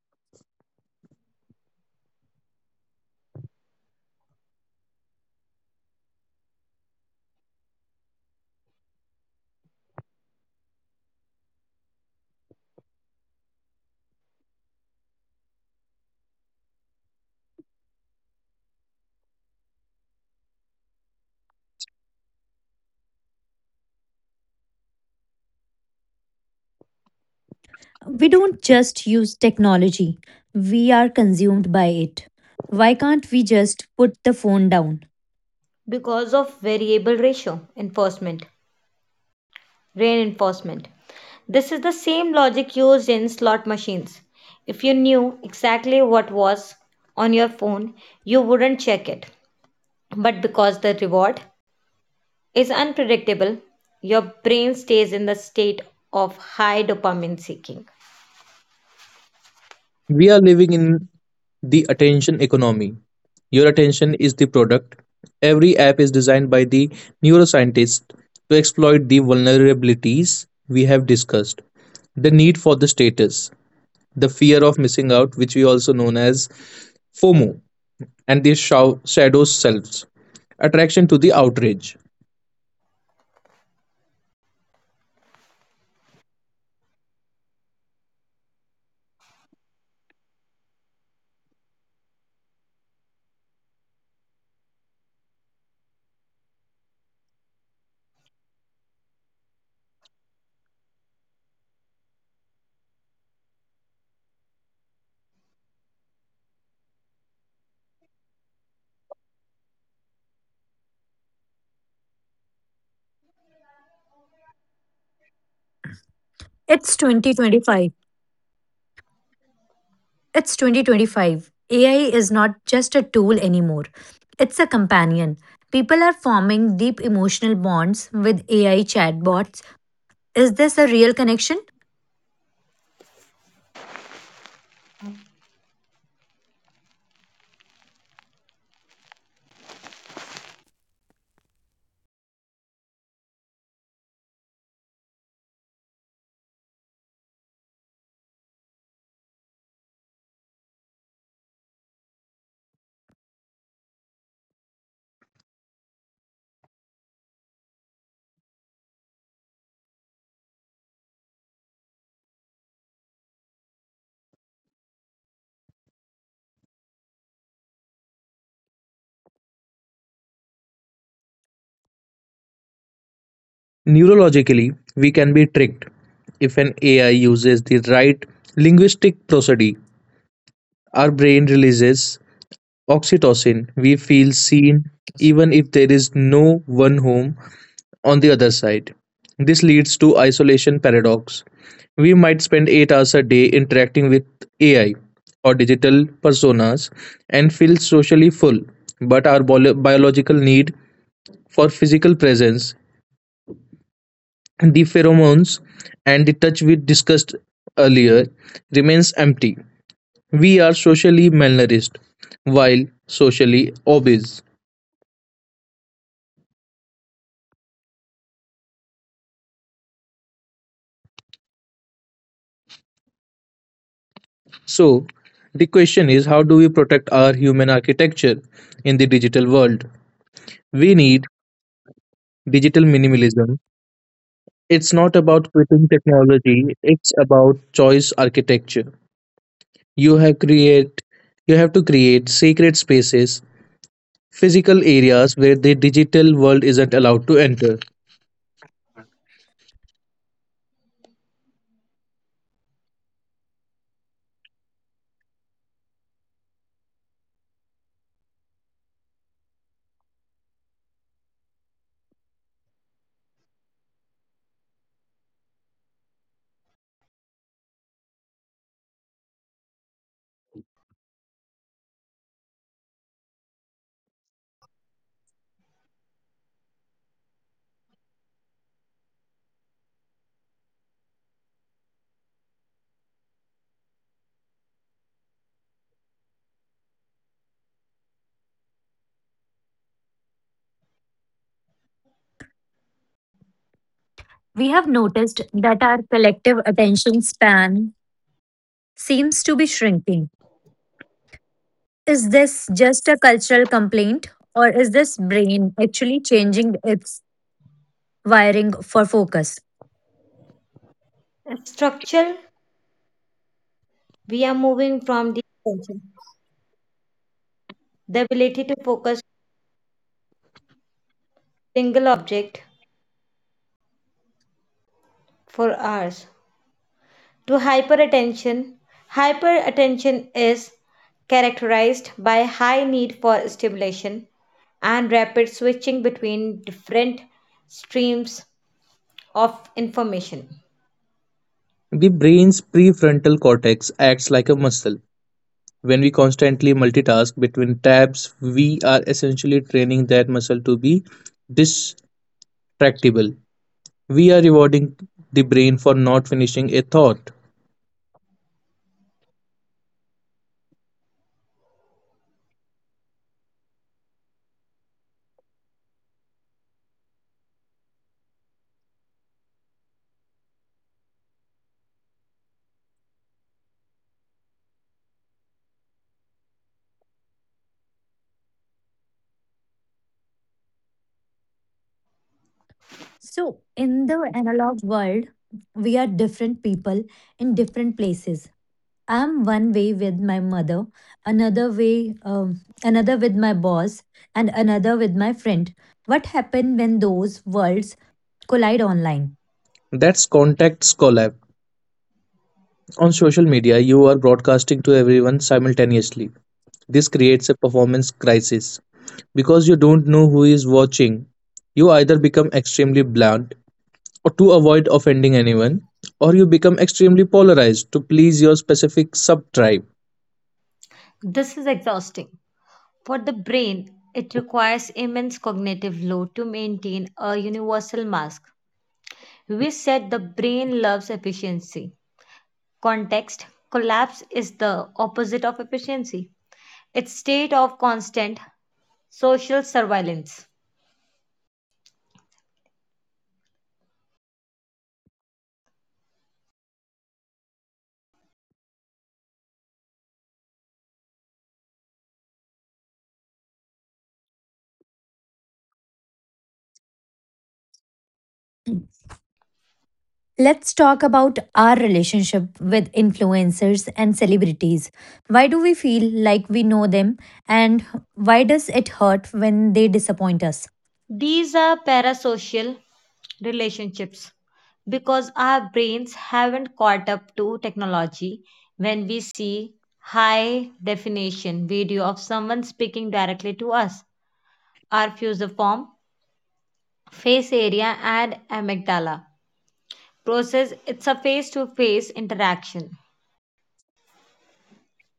We don't just use technology, we are consumed by it. Why can't we just put the phone down?
because of variable ratio enforcement, reinforcement. This is the same logic used in slot machines. If you knew exactly what was on your phone, you wouldn't check it. But because the reward is unpredictable, your brain stays in the state of high dopamine seeking.
We are living in the attention economy. Your attention is the product. Every app is designed by the neuroscientist to exploit the vulnerabilities we have discussed: the need for the status, the fear of missing out, which we also known as FOMO, and the shadow selves, attraction to the outrage.
It's 2025. It's 2025. AI is not just a tool anymore, it's a companion. People are forming deep emotional bonds with AI chatbots. Is this a real connection?
Neurologically, we can be tricked if an AI uses the right linguistic prosody. Our brain releases oxytocin. We feel seen even if there is no one home on the other side. This leads to isolation paradox. We might spend 8 hours a day interacting with AI or digital personas and feel socially full, but our biological need for physical presence, the pheromones, and the touch we discussed earlier remains empty. We are socially malnourished while socially obese. So, the question is how do we protect our human architecture in the digital world? We need digital minimalism. It's not about quitting technology, it's about choice architecture. You have create you have to create sacred spaces, physical areas where the digital world isn't allowed to enter.
We have noticed that our collective attention span seems to be shrinking. Is this just a cultural complaint, or is this brain actually changing its wiring for focus?
Structure, we are moving from the attention, the ability to focus single object for hours, to hyperattention. Hyperattention is characterized by high need for stimulation and rapid switching between different streams of information.
The brain's prefrontal cortex acts like a muscle. When we constantly multitask between tabs, we are essentially training that muscle to be distractible. We are rewarding the brain for not finishing a thought.
So, in the analog world, we are different people in different places. I'm one way with my mother, another way, another with my boss, and another with my friend. What happens when those worlds collide online?
That's context collapse. On social media, you are broadcasting to everyone simultaneously. This creates a performance crisis because you don't know who is watching. You either become extremely blunt or to avoid offending anyone, or you become extremely polarized to please your specific sub tribe.
This is exhausting for the brain. It requires immense cognitive load to maintain a universal mask. We said the brain loves efficiency. Context, collapse is the opposite of efficiency. It's state of constant social surveillance.
Let's talk about our relationship with influencers and celebrities. Why do we feel like we know them and why does it hurt when they disappoint us?
These are parasocial relationships because our brains haven't caught up to technology. When we see high definition video of someone speaking directly to us, our fusiform, face area and amygdala process it's a face to face interaction.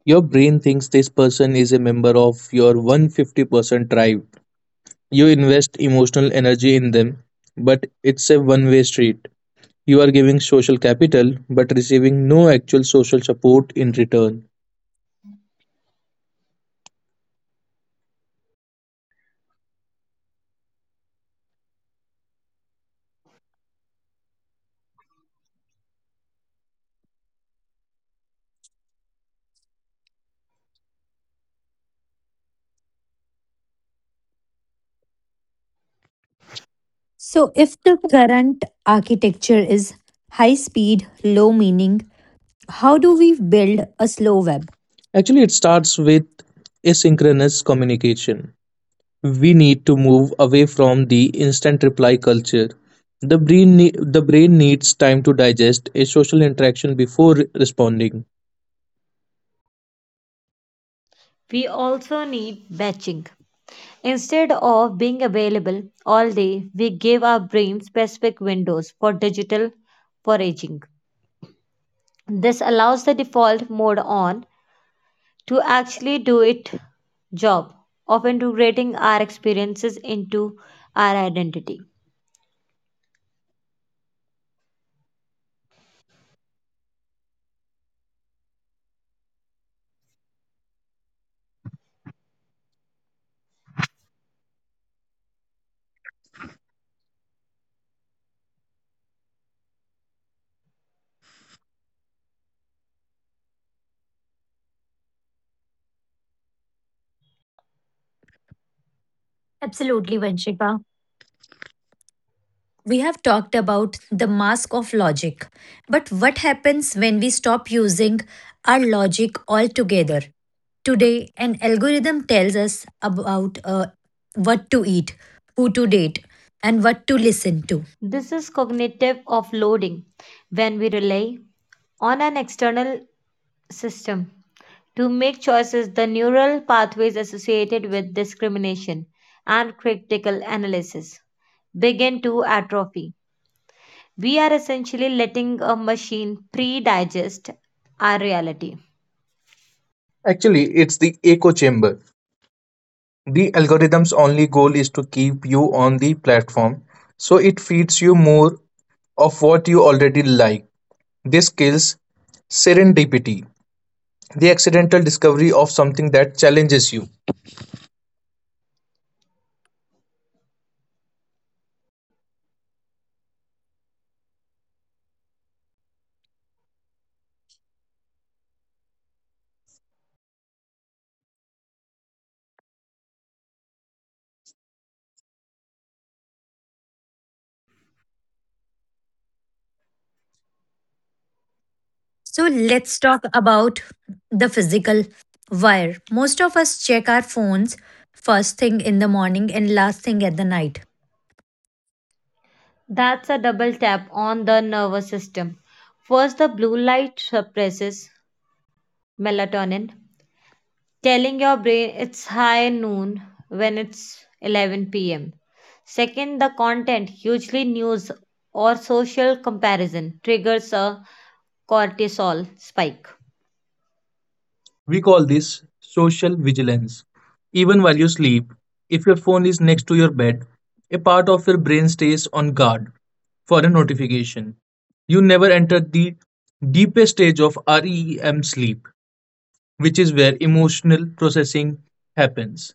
Your brain thinks this person is a member of your 150% tribe. You invest emotional energy in them, but it's a one way street. You are giving social capital but receiving no actual social support in return.
So, if the current architecture is high speed, low meaning, how do we build a slow web?
Actually, it starts with asynchronous communication. We need to move away from the instant reply culture. The brain needs time to digest a social interaction before responding.
We also need batching. Instead of being available all day, we give our brain specific windows for digital foraging. This allows the default mode on to actually do its job of integrating our experiences into our identity.
Absolutely, Vanshika. We have talked about the mask of logic, but what happens when we stop using our logic altogether? Today, an algorithm tells us about what to eat, who to date, and what to listen to.
This is cognitive offloading. When we rely on an external system to make choices, the neural pathways associated with discrimination and critical analysis begin to atrophy. We are essentially letting a machine pre digest our reality.
Actually, it's the echo chamber. The algorithm's only goal is to keep you on the platform, so it feeds you more of what you already like. This kills serendipity, the accidental discovery of something that challenges you.
So, let's talk about the physical wire. Most of us check our phones first thing in the morning and last thing at the night.
That's a double tap on the nervous system. First, the blue light suppresses melatonin, telling your brain it's high noon when it's 11 p.m. Second, the content, usually news or social comparison, triggers a cortisol spike.
We call this social vigilance. Even while you sleep, if your phone is next to your bed, a part of your brain stays on guard for a notification. You never enter the deepest stage of REM sleep, which is where emotional processing happens.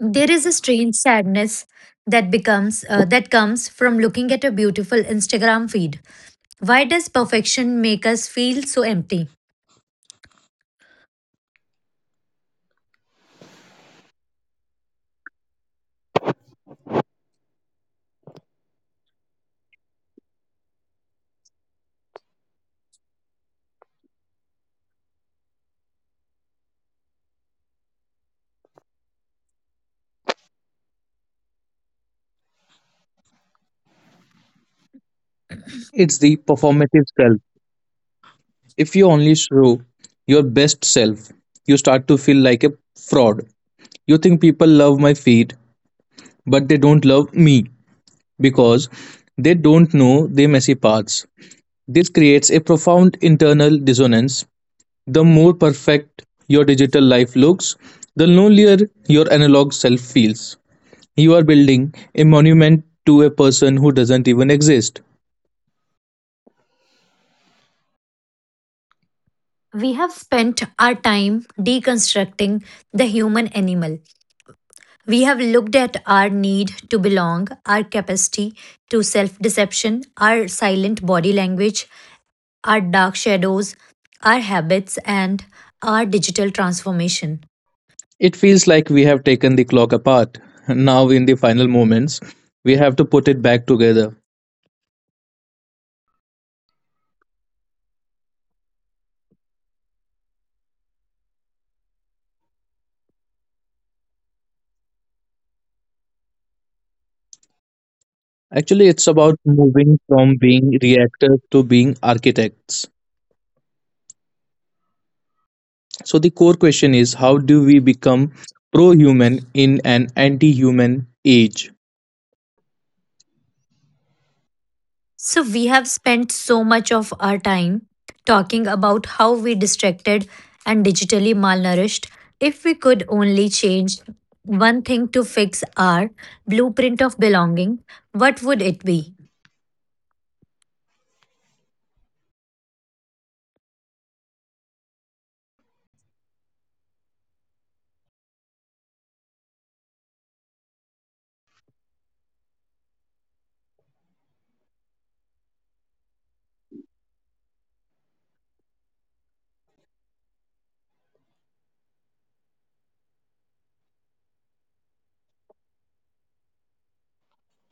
There is a strange sadness that becomes that comes from looking at a beautiful Instagram feed. Why does perfection make us feel so empty?
It's the performative self. If you only show your best self, you start to feel like a fraud. You think people love my feet, but they don't love me, because they don't know their messy paths. This creates a profound internal dissonance. The more perfect your digital life looks, the lonelier your analog self feels. You are building a monument to a person who doesn't even exist.
We have spent our time deconstructing the human animal. We have looked at our need to belong, our capacity to self deception, our silent body language, our dark shadows, our habits, and our digital transformation.
It feels like we have taken the clock apart. Now, in the final moments, we have to put it back together. Actually, it's about moving from being reactors to being architects. So the core question is how do we become pro-human in an anti-human age?
So, we have spent so much of our time talking about how we distracted and digitally malnourished. If we could only change one thing to fix our blueprint of belonging, what would it be?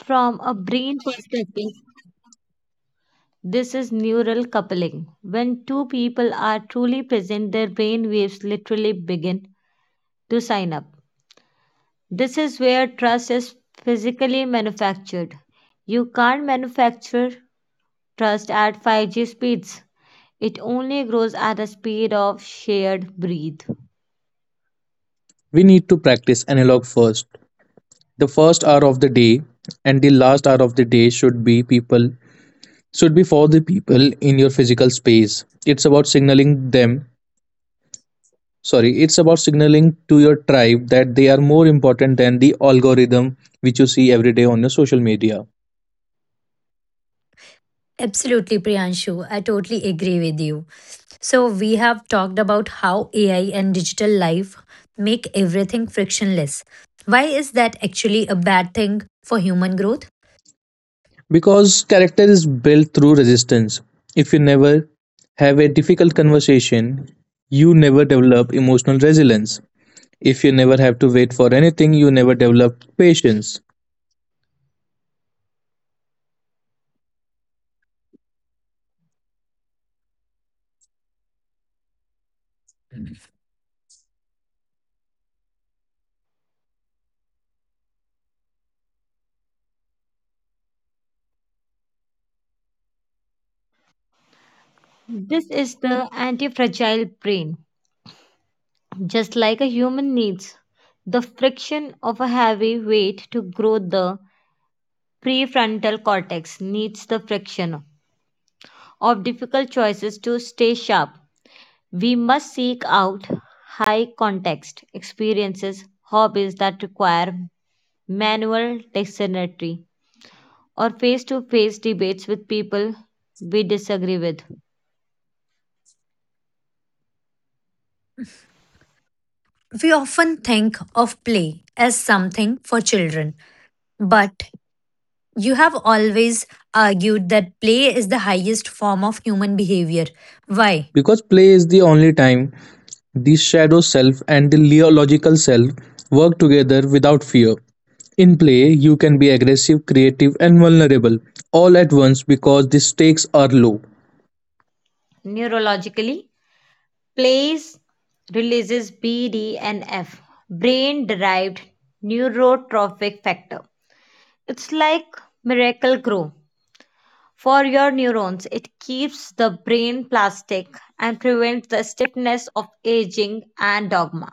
From a brain perspective, this is neural coupling. When two people are truly present, their brain waves literally begin to sign up. This is where trust is physically manufactured. You can't manufacture trust at 5G speeds. It only grows at the speed of shared breathe.
We need to practice analog first. The first hour of the day and the last hour of the day should be people should be for the people in your physical space. It's about signaling them, sorry, it's about signaling to your tribe that they are more important than the algorithm which you see every day on your social media.
Absolutely, Priyanshu. I totally agree with you. So, we have talked about how AI and digital life make everything frictionless. Why is that actually a bad thing for human growth?
Because character is built through resistance. If you never have a difficult conversation, you never develop emotional resilience. If you never have to wait for anything, you never develop patience.
This is the anti-fragile brain. Just like a human needs the friction of a heavy weight to grow, the prefrontal cortex needs the friction of difficult choices to stay sharp. We must seek out high context experiences, hobbies that require manual dexterity or face to face debates with people we disagree with.
We often think of play as something for children, but you have always argued that play is the highest form of human behavior. Why?
Because play is the only time the shadow self and the logical self work together without fear. In play, you can be aggressive, creative, and vulnerable all at once because the stakes are low.
Neurologically, plays releases BDNF, brain derived neurotrophic factor. It's like miracle grow for your neurons. It keeps the brain plastic and prevents the stiffness of aging and dogma.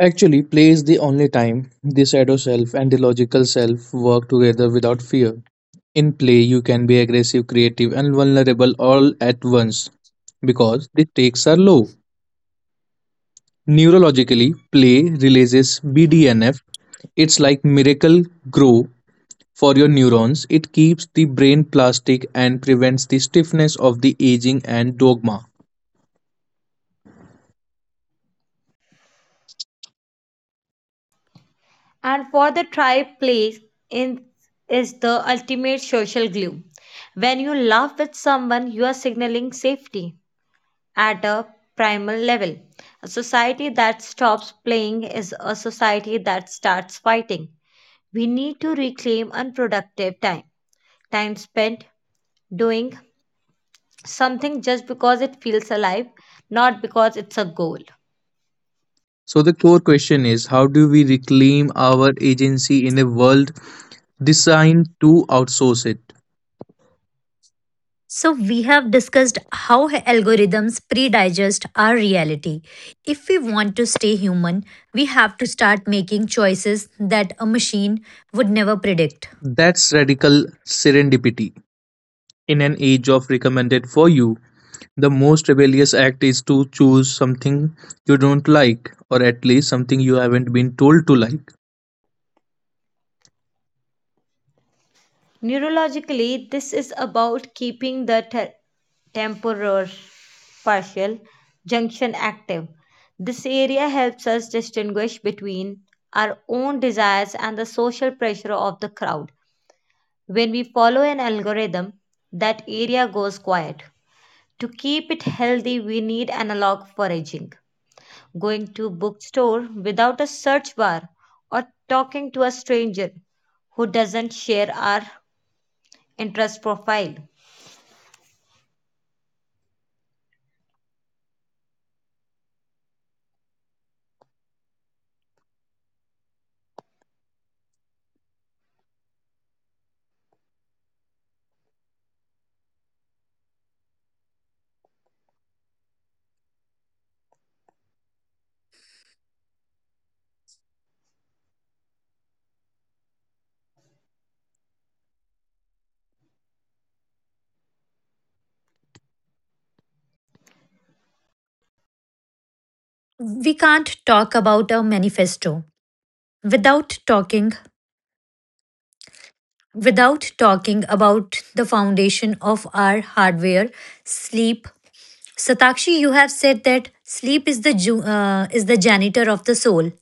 Actually, play is the only time the shadow self and the logical self work together without fear. In play, you can be aggressive, creative, and vulnerable all at once because the stakes are low. Neurologically, play releases BDNF. It's like miracle grow for your neurons. It keeps the brain plastic and prevents the stiffness of the aging and dogma.
And for the tribe, play in, is the ultimate social glue. When you laugh with someone, you are signaling safety at a primal level. A society that stops playing is a society that starts fighting. We need to reclaim unproductive time, time spent doing something just because it feels alive, not because it's a goal.
So the core question is how do we reclaim our agency in a world designed to outsource it.
So, we have discussed how algorithms pre digest our reality. If we want to stay human, we have to start making choices that a machine would never predict.
That's radical serendipity. In an age of recommended for you, the most rebellious act is to choose something you don't like, or at least something you haven't been told to like.
Neurologically, this is about keeping the temporal partial junction active. This area helps us distinguish between our own desires and the social pressure of the crowd. When we follow an algorithm, that area goes quiet. To keep it healthy, we need analog foraging. Going to a bookstore without a search bar or talking to a stranger who doesn't share our interest profile.
We can't talk about a manifesto without talking without talking about the foundation of our hardware, sleep. Satakshi, you have said that sleep is the is the janitor of the soul.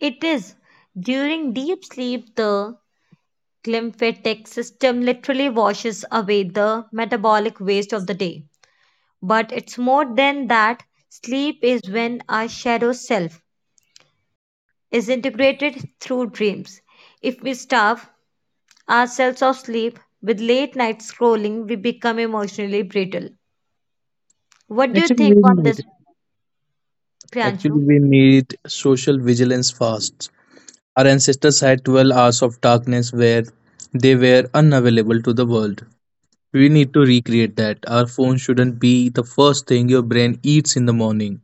It is. During deep sleep, the glymphatic system literally washes away the metabolic waste of the day. But it's more than that. Sleep is when our shadow self is integrated through dreams. If we starve ourselves of sleep with late night scrolling, we become emotionally brittle. What do you
Actually, we
think on
need.
this,
Actually,
Priyanshu?
we need social vigilance fasts. Our ancestors had 12 hours of darkness where they were unavailable to the world. We need to recreate that. Our phone shouldn't be the first thing your brain eats in the morning.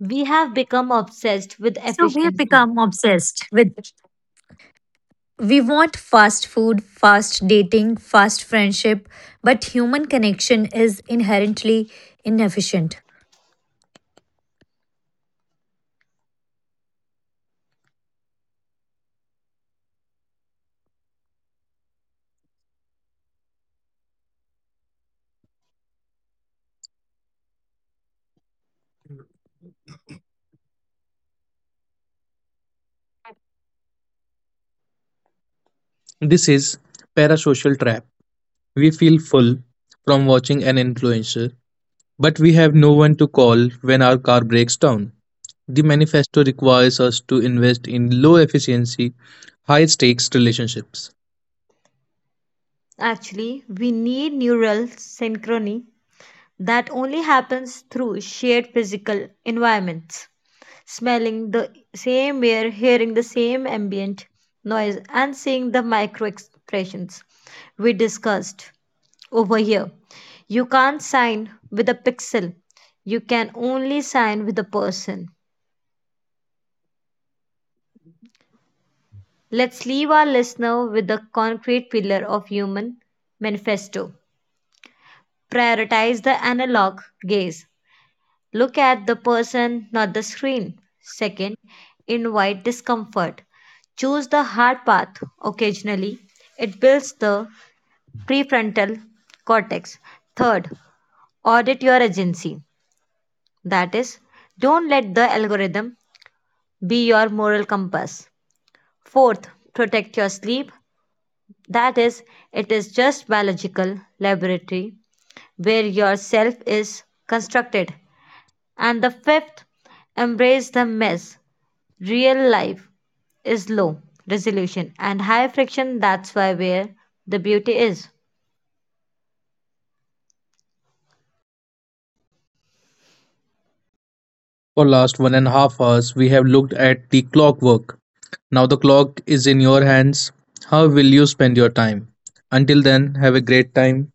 We have become obsessed with
So we
efficiency.
become obsessed with. We want fast food, fast dating, fast friendship, but human connection is inherently inefficient.
This is parasocial trap. We feel full from watching an influencer, but we have no one to call when our car breaks down. The manifesto requires us to invest in low efficiency, high stakes relationships.
Actually, we need neural synchrony that only happens through shared physical environments. Smelling the same air, hearing the same ambient noise, and seeing the micro expressions we discussed over here. You can't sign with a pixel, you can only sign with a person. Let's leave our listener with the concrete pillar of human manifesto. Prioritize the analog gaze. Look at the person, not the screen. Second, invite discomfort. Choose the hard path occasionally. It builds the prefrontal cortex. Third, audit your agency. That is, don't let the algorithm be your moral compass. Fourth, protect your sleep. That is, it is just biological laboratory where your self is constructed. And the fifth, embrace the mess. Real life is low resolution and high friction. That's why where the beauty is.
For last 1.5 hours, we have looked at the clockwork. Now the clock is in your hands. How will you spend your time? Until then, have a great time.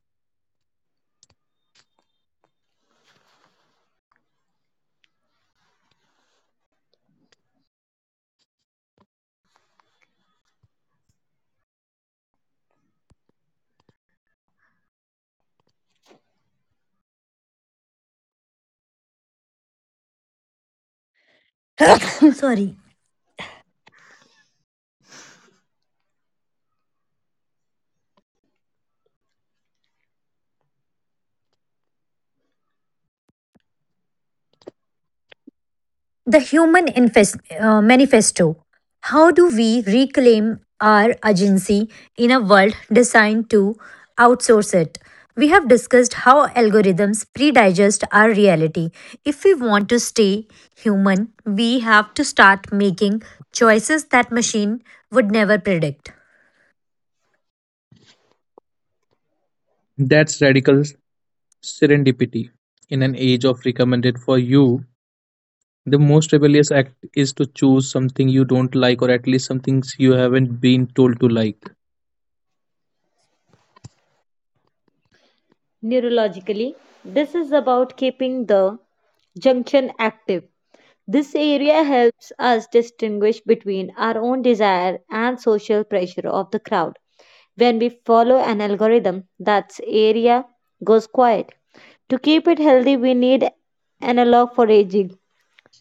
*laughs* *coughs* Sorry, the Human Manifesto. How do we reclaim our agency in a world designed to outsource it? We have discussed how algorithms predigest our reality. If we want to stay human, we have to start making choices that machine would never predict.
That's radical serendipity. In an age of recommended for you, the most rebellious act is to choose something you don't like, or at least some things you haven't been told to like.
Neurologically, this is about keeping the junction active. This area helps us distinguish between our own desire and social pressure of the crowd. When we follow an algorithm, that area goes quiet. To keep it healthy, we need analog for aging.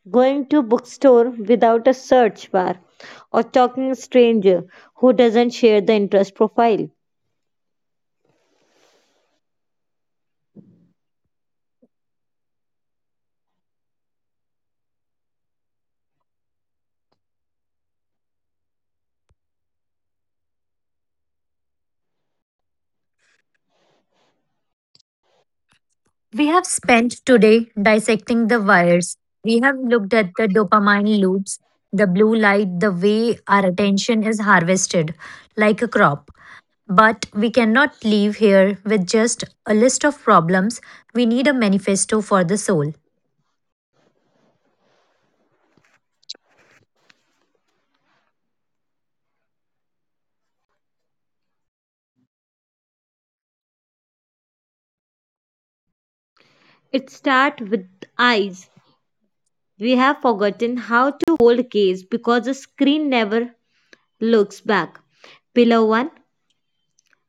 Going to bookstore without a search bar or talking a stranger who doesn't share the interest profile.
We have spent today dissecting the wires. We have looked at the dopamine loops, the blue light, the way our attention is harvested like a crop. But we cannot leave here with just a list of problems. We need a manifesto for the soul.
It starts with eyes. We have forgotten how to hold gaze because the screen never looks back. Pillar 1,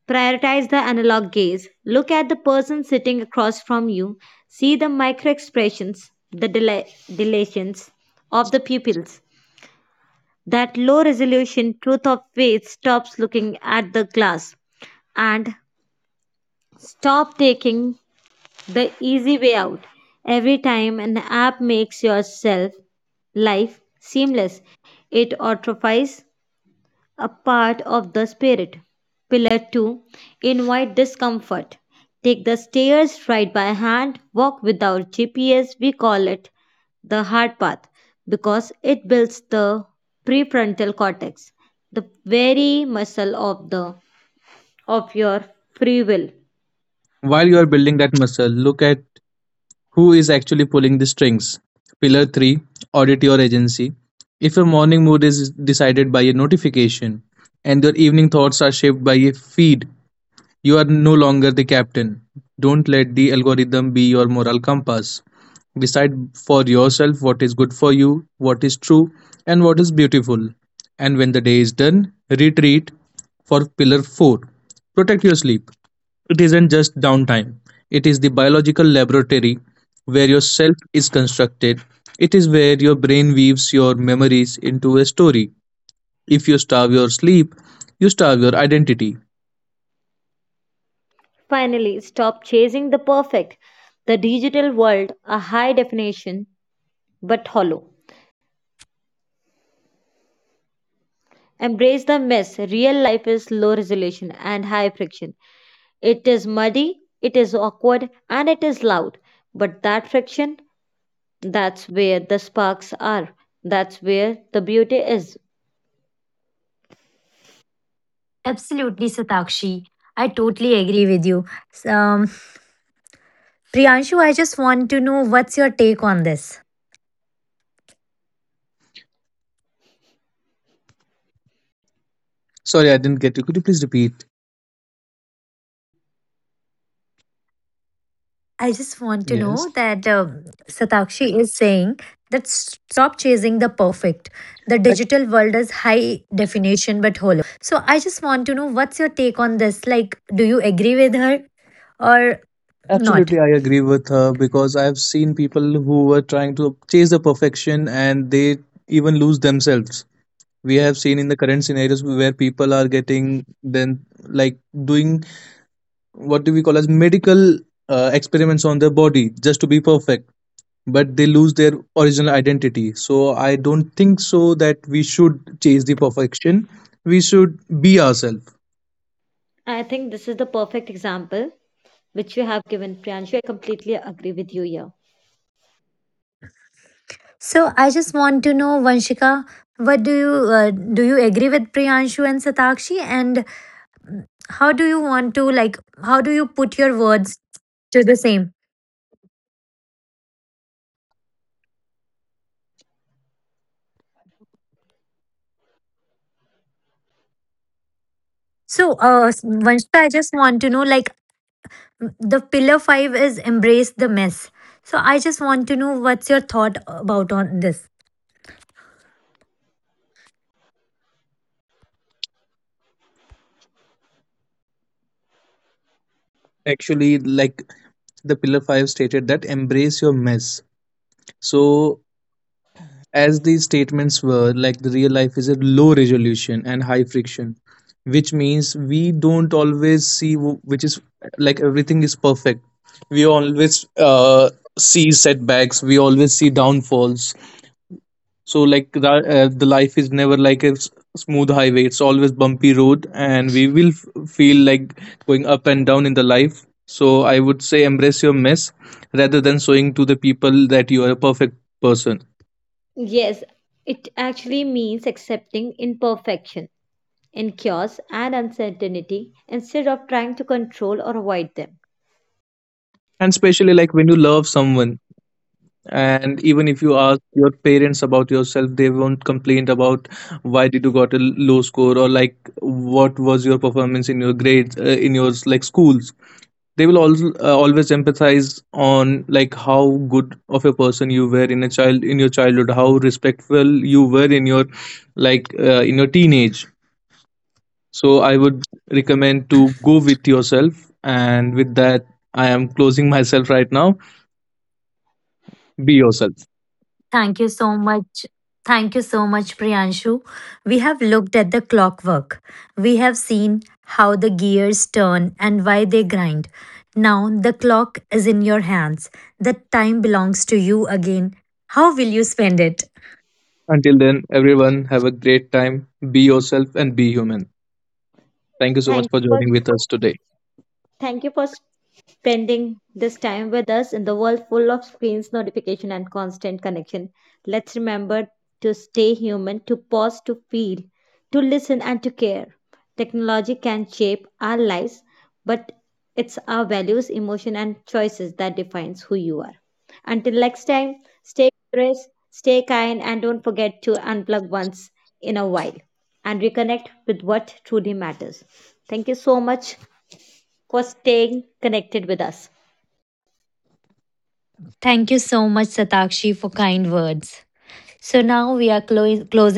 prioritize the analog gaze. Look at the person sitting across from you. See the micro expressions, the dilations of the pupils. That low resolution truth of faith stops looking at the glass and stop taking the easy way out. Every time an app makes your self life seamless, it atrophies a part of the spirit. Pillar 2, invite discomfort. Take the stairs right by hand, walk without GPS. We call it the hard path because it builds the prefrontal cortex, the very muscle of the of your free will.
While you are building that muscle, look at who is actually pulling the strings. Pillar 3, audit your agency. If your morning mood is decided by a notification and your evening thoughts are shaped by a feed, you are no longer the captain. Don't let the algorithm be your moral compass. Decide for yourself what is good for you, what is true, and what is beautiful. And when the day is done, retreat for pillar 4. Protect your sleep. It isn't just downtime, it is the biological laboratory where your self is constructed. It is where your brain weaves your memories into a story. If you starve your sleep, you starve your identity.
Finally, stop chasing the perfect. The digital world a high definition but hollow. Embrace the mess. Real life is low resolution and high friction. It is muddy, it is awkward, and it is loud. But that friction, that's where the sparks are. That's where the beauty is.
Absolutely, Satakshi. I totally agree with you. Um, Priyanshu, I just want to know what's your take on this?
Sorry, I didn't get you. Could you please repeat?
I just want to know
Yes,
that Satakshi is saying that stop chasing the perfect. The
ac-
digital world is high definition but hollow. So I just want to know what's your take on this? Like, do you agree with her or not?
absolutely. I agree with her because I've seen people who were trying to chase the perfection and they even lose themselves. We have seen in the current scenarios where people are getting then like doing what do we call as medical experiments on their body just to be perfect, but they lose their original identity. So I don't think so that we should chase the perfection. We should be ourselves.
I think this is the perfect example which you have given, Priyanshu. I completely agree with you here.
So I just want to know, Vanshika, what do? You agree with Priyanshu and Satakshi, and how do you want to like? How do you put your words to the same? So, Vanshika, I just want to know, like the pillar 5 is embrace the mess. So I just want to know what's your thought about on this.
Actually, like the pillar 5 stated that embrace your mess. So, as these statements were, like the real life is a low resolution and high friction, which means we don't always see which is like everything is perfect. We always see setbacks, we always see downfalls. So, like the life is never like a smooth highway, it's always bumpy road, and we will feel like going up and down in the life. So, I would say embrace your mess rather than showing to the people that you are a perfect person.
Yes, it actually means accepting imperfection in chaos and uncertainty instead of trying to control or avoid them.
And especially like when you love someone, and even if you ask your parents about yourself, they won't complain about why did you got a low score or like what was your performance in your grades in your like schools. They will also always empathize on like how good of a person you were in a child in your childhood, how respectful you were in your like in your teenage. So I would recommend to go with yourself, and with that, I am closing myself right now. Be yourself.
Thank you so much. Thank you so much Priyanshu. We have looked at the clockwork. We have seen how the gears turn and why they grind. Now the clock is in your hands. The time belongs to you again. How will you spend it?
Until then, everyone, have a great time. Be yourself and be human. Thank you so much
Thank you
for
for
joining with us today.
Thank you for spending this time with us in the world full of screens, notification, and constant connection. Let's remember to stay human, to pause, to feel, to listen, and to care. Technology can shape our lives, but it's our values, emotion, and choices that defines who you are. Until next time, stay curious, stay kind, and don't forget to unplug once in a while and reconnect with what truly matters. Thank you so much for staying connected with us.
Thank you so much Satakshi for kind words. So now we are closing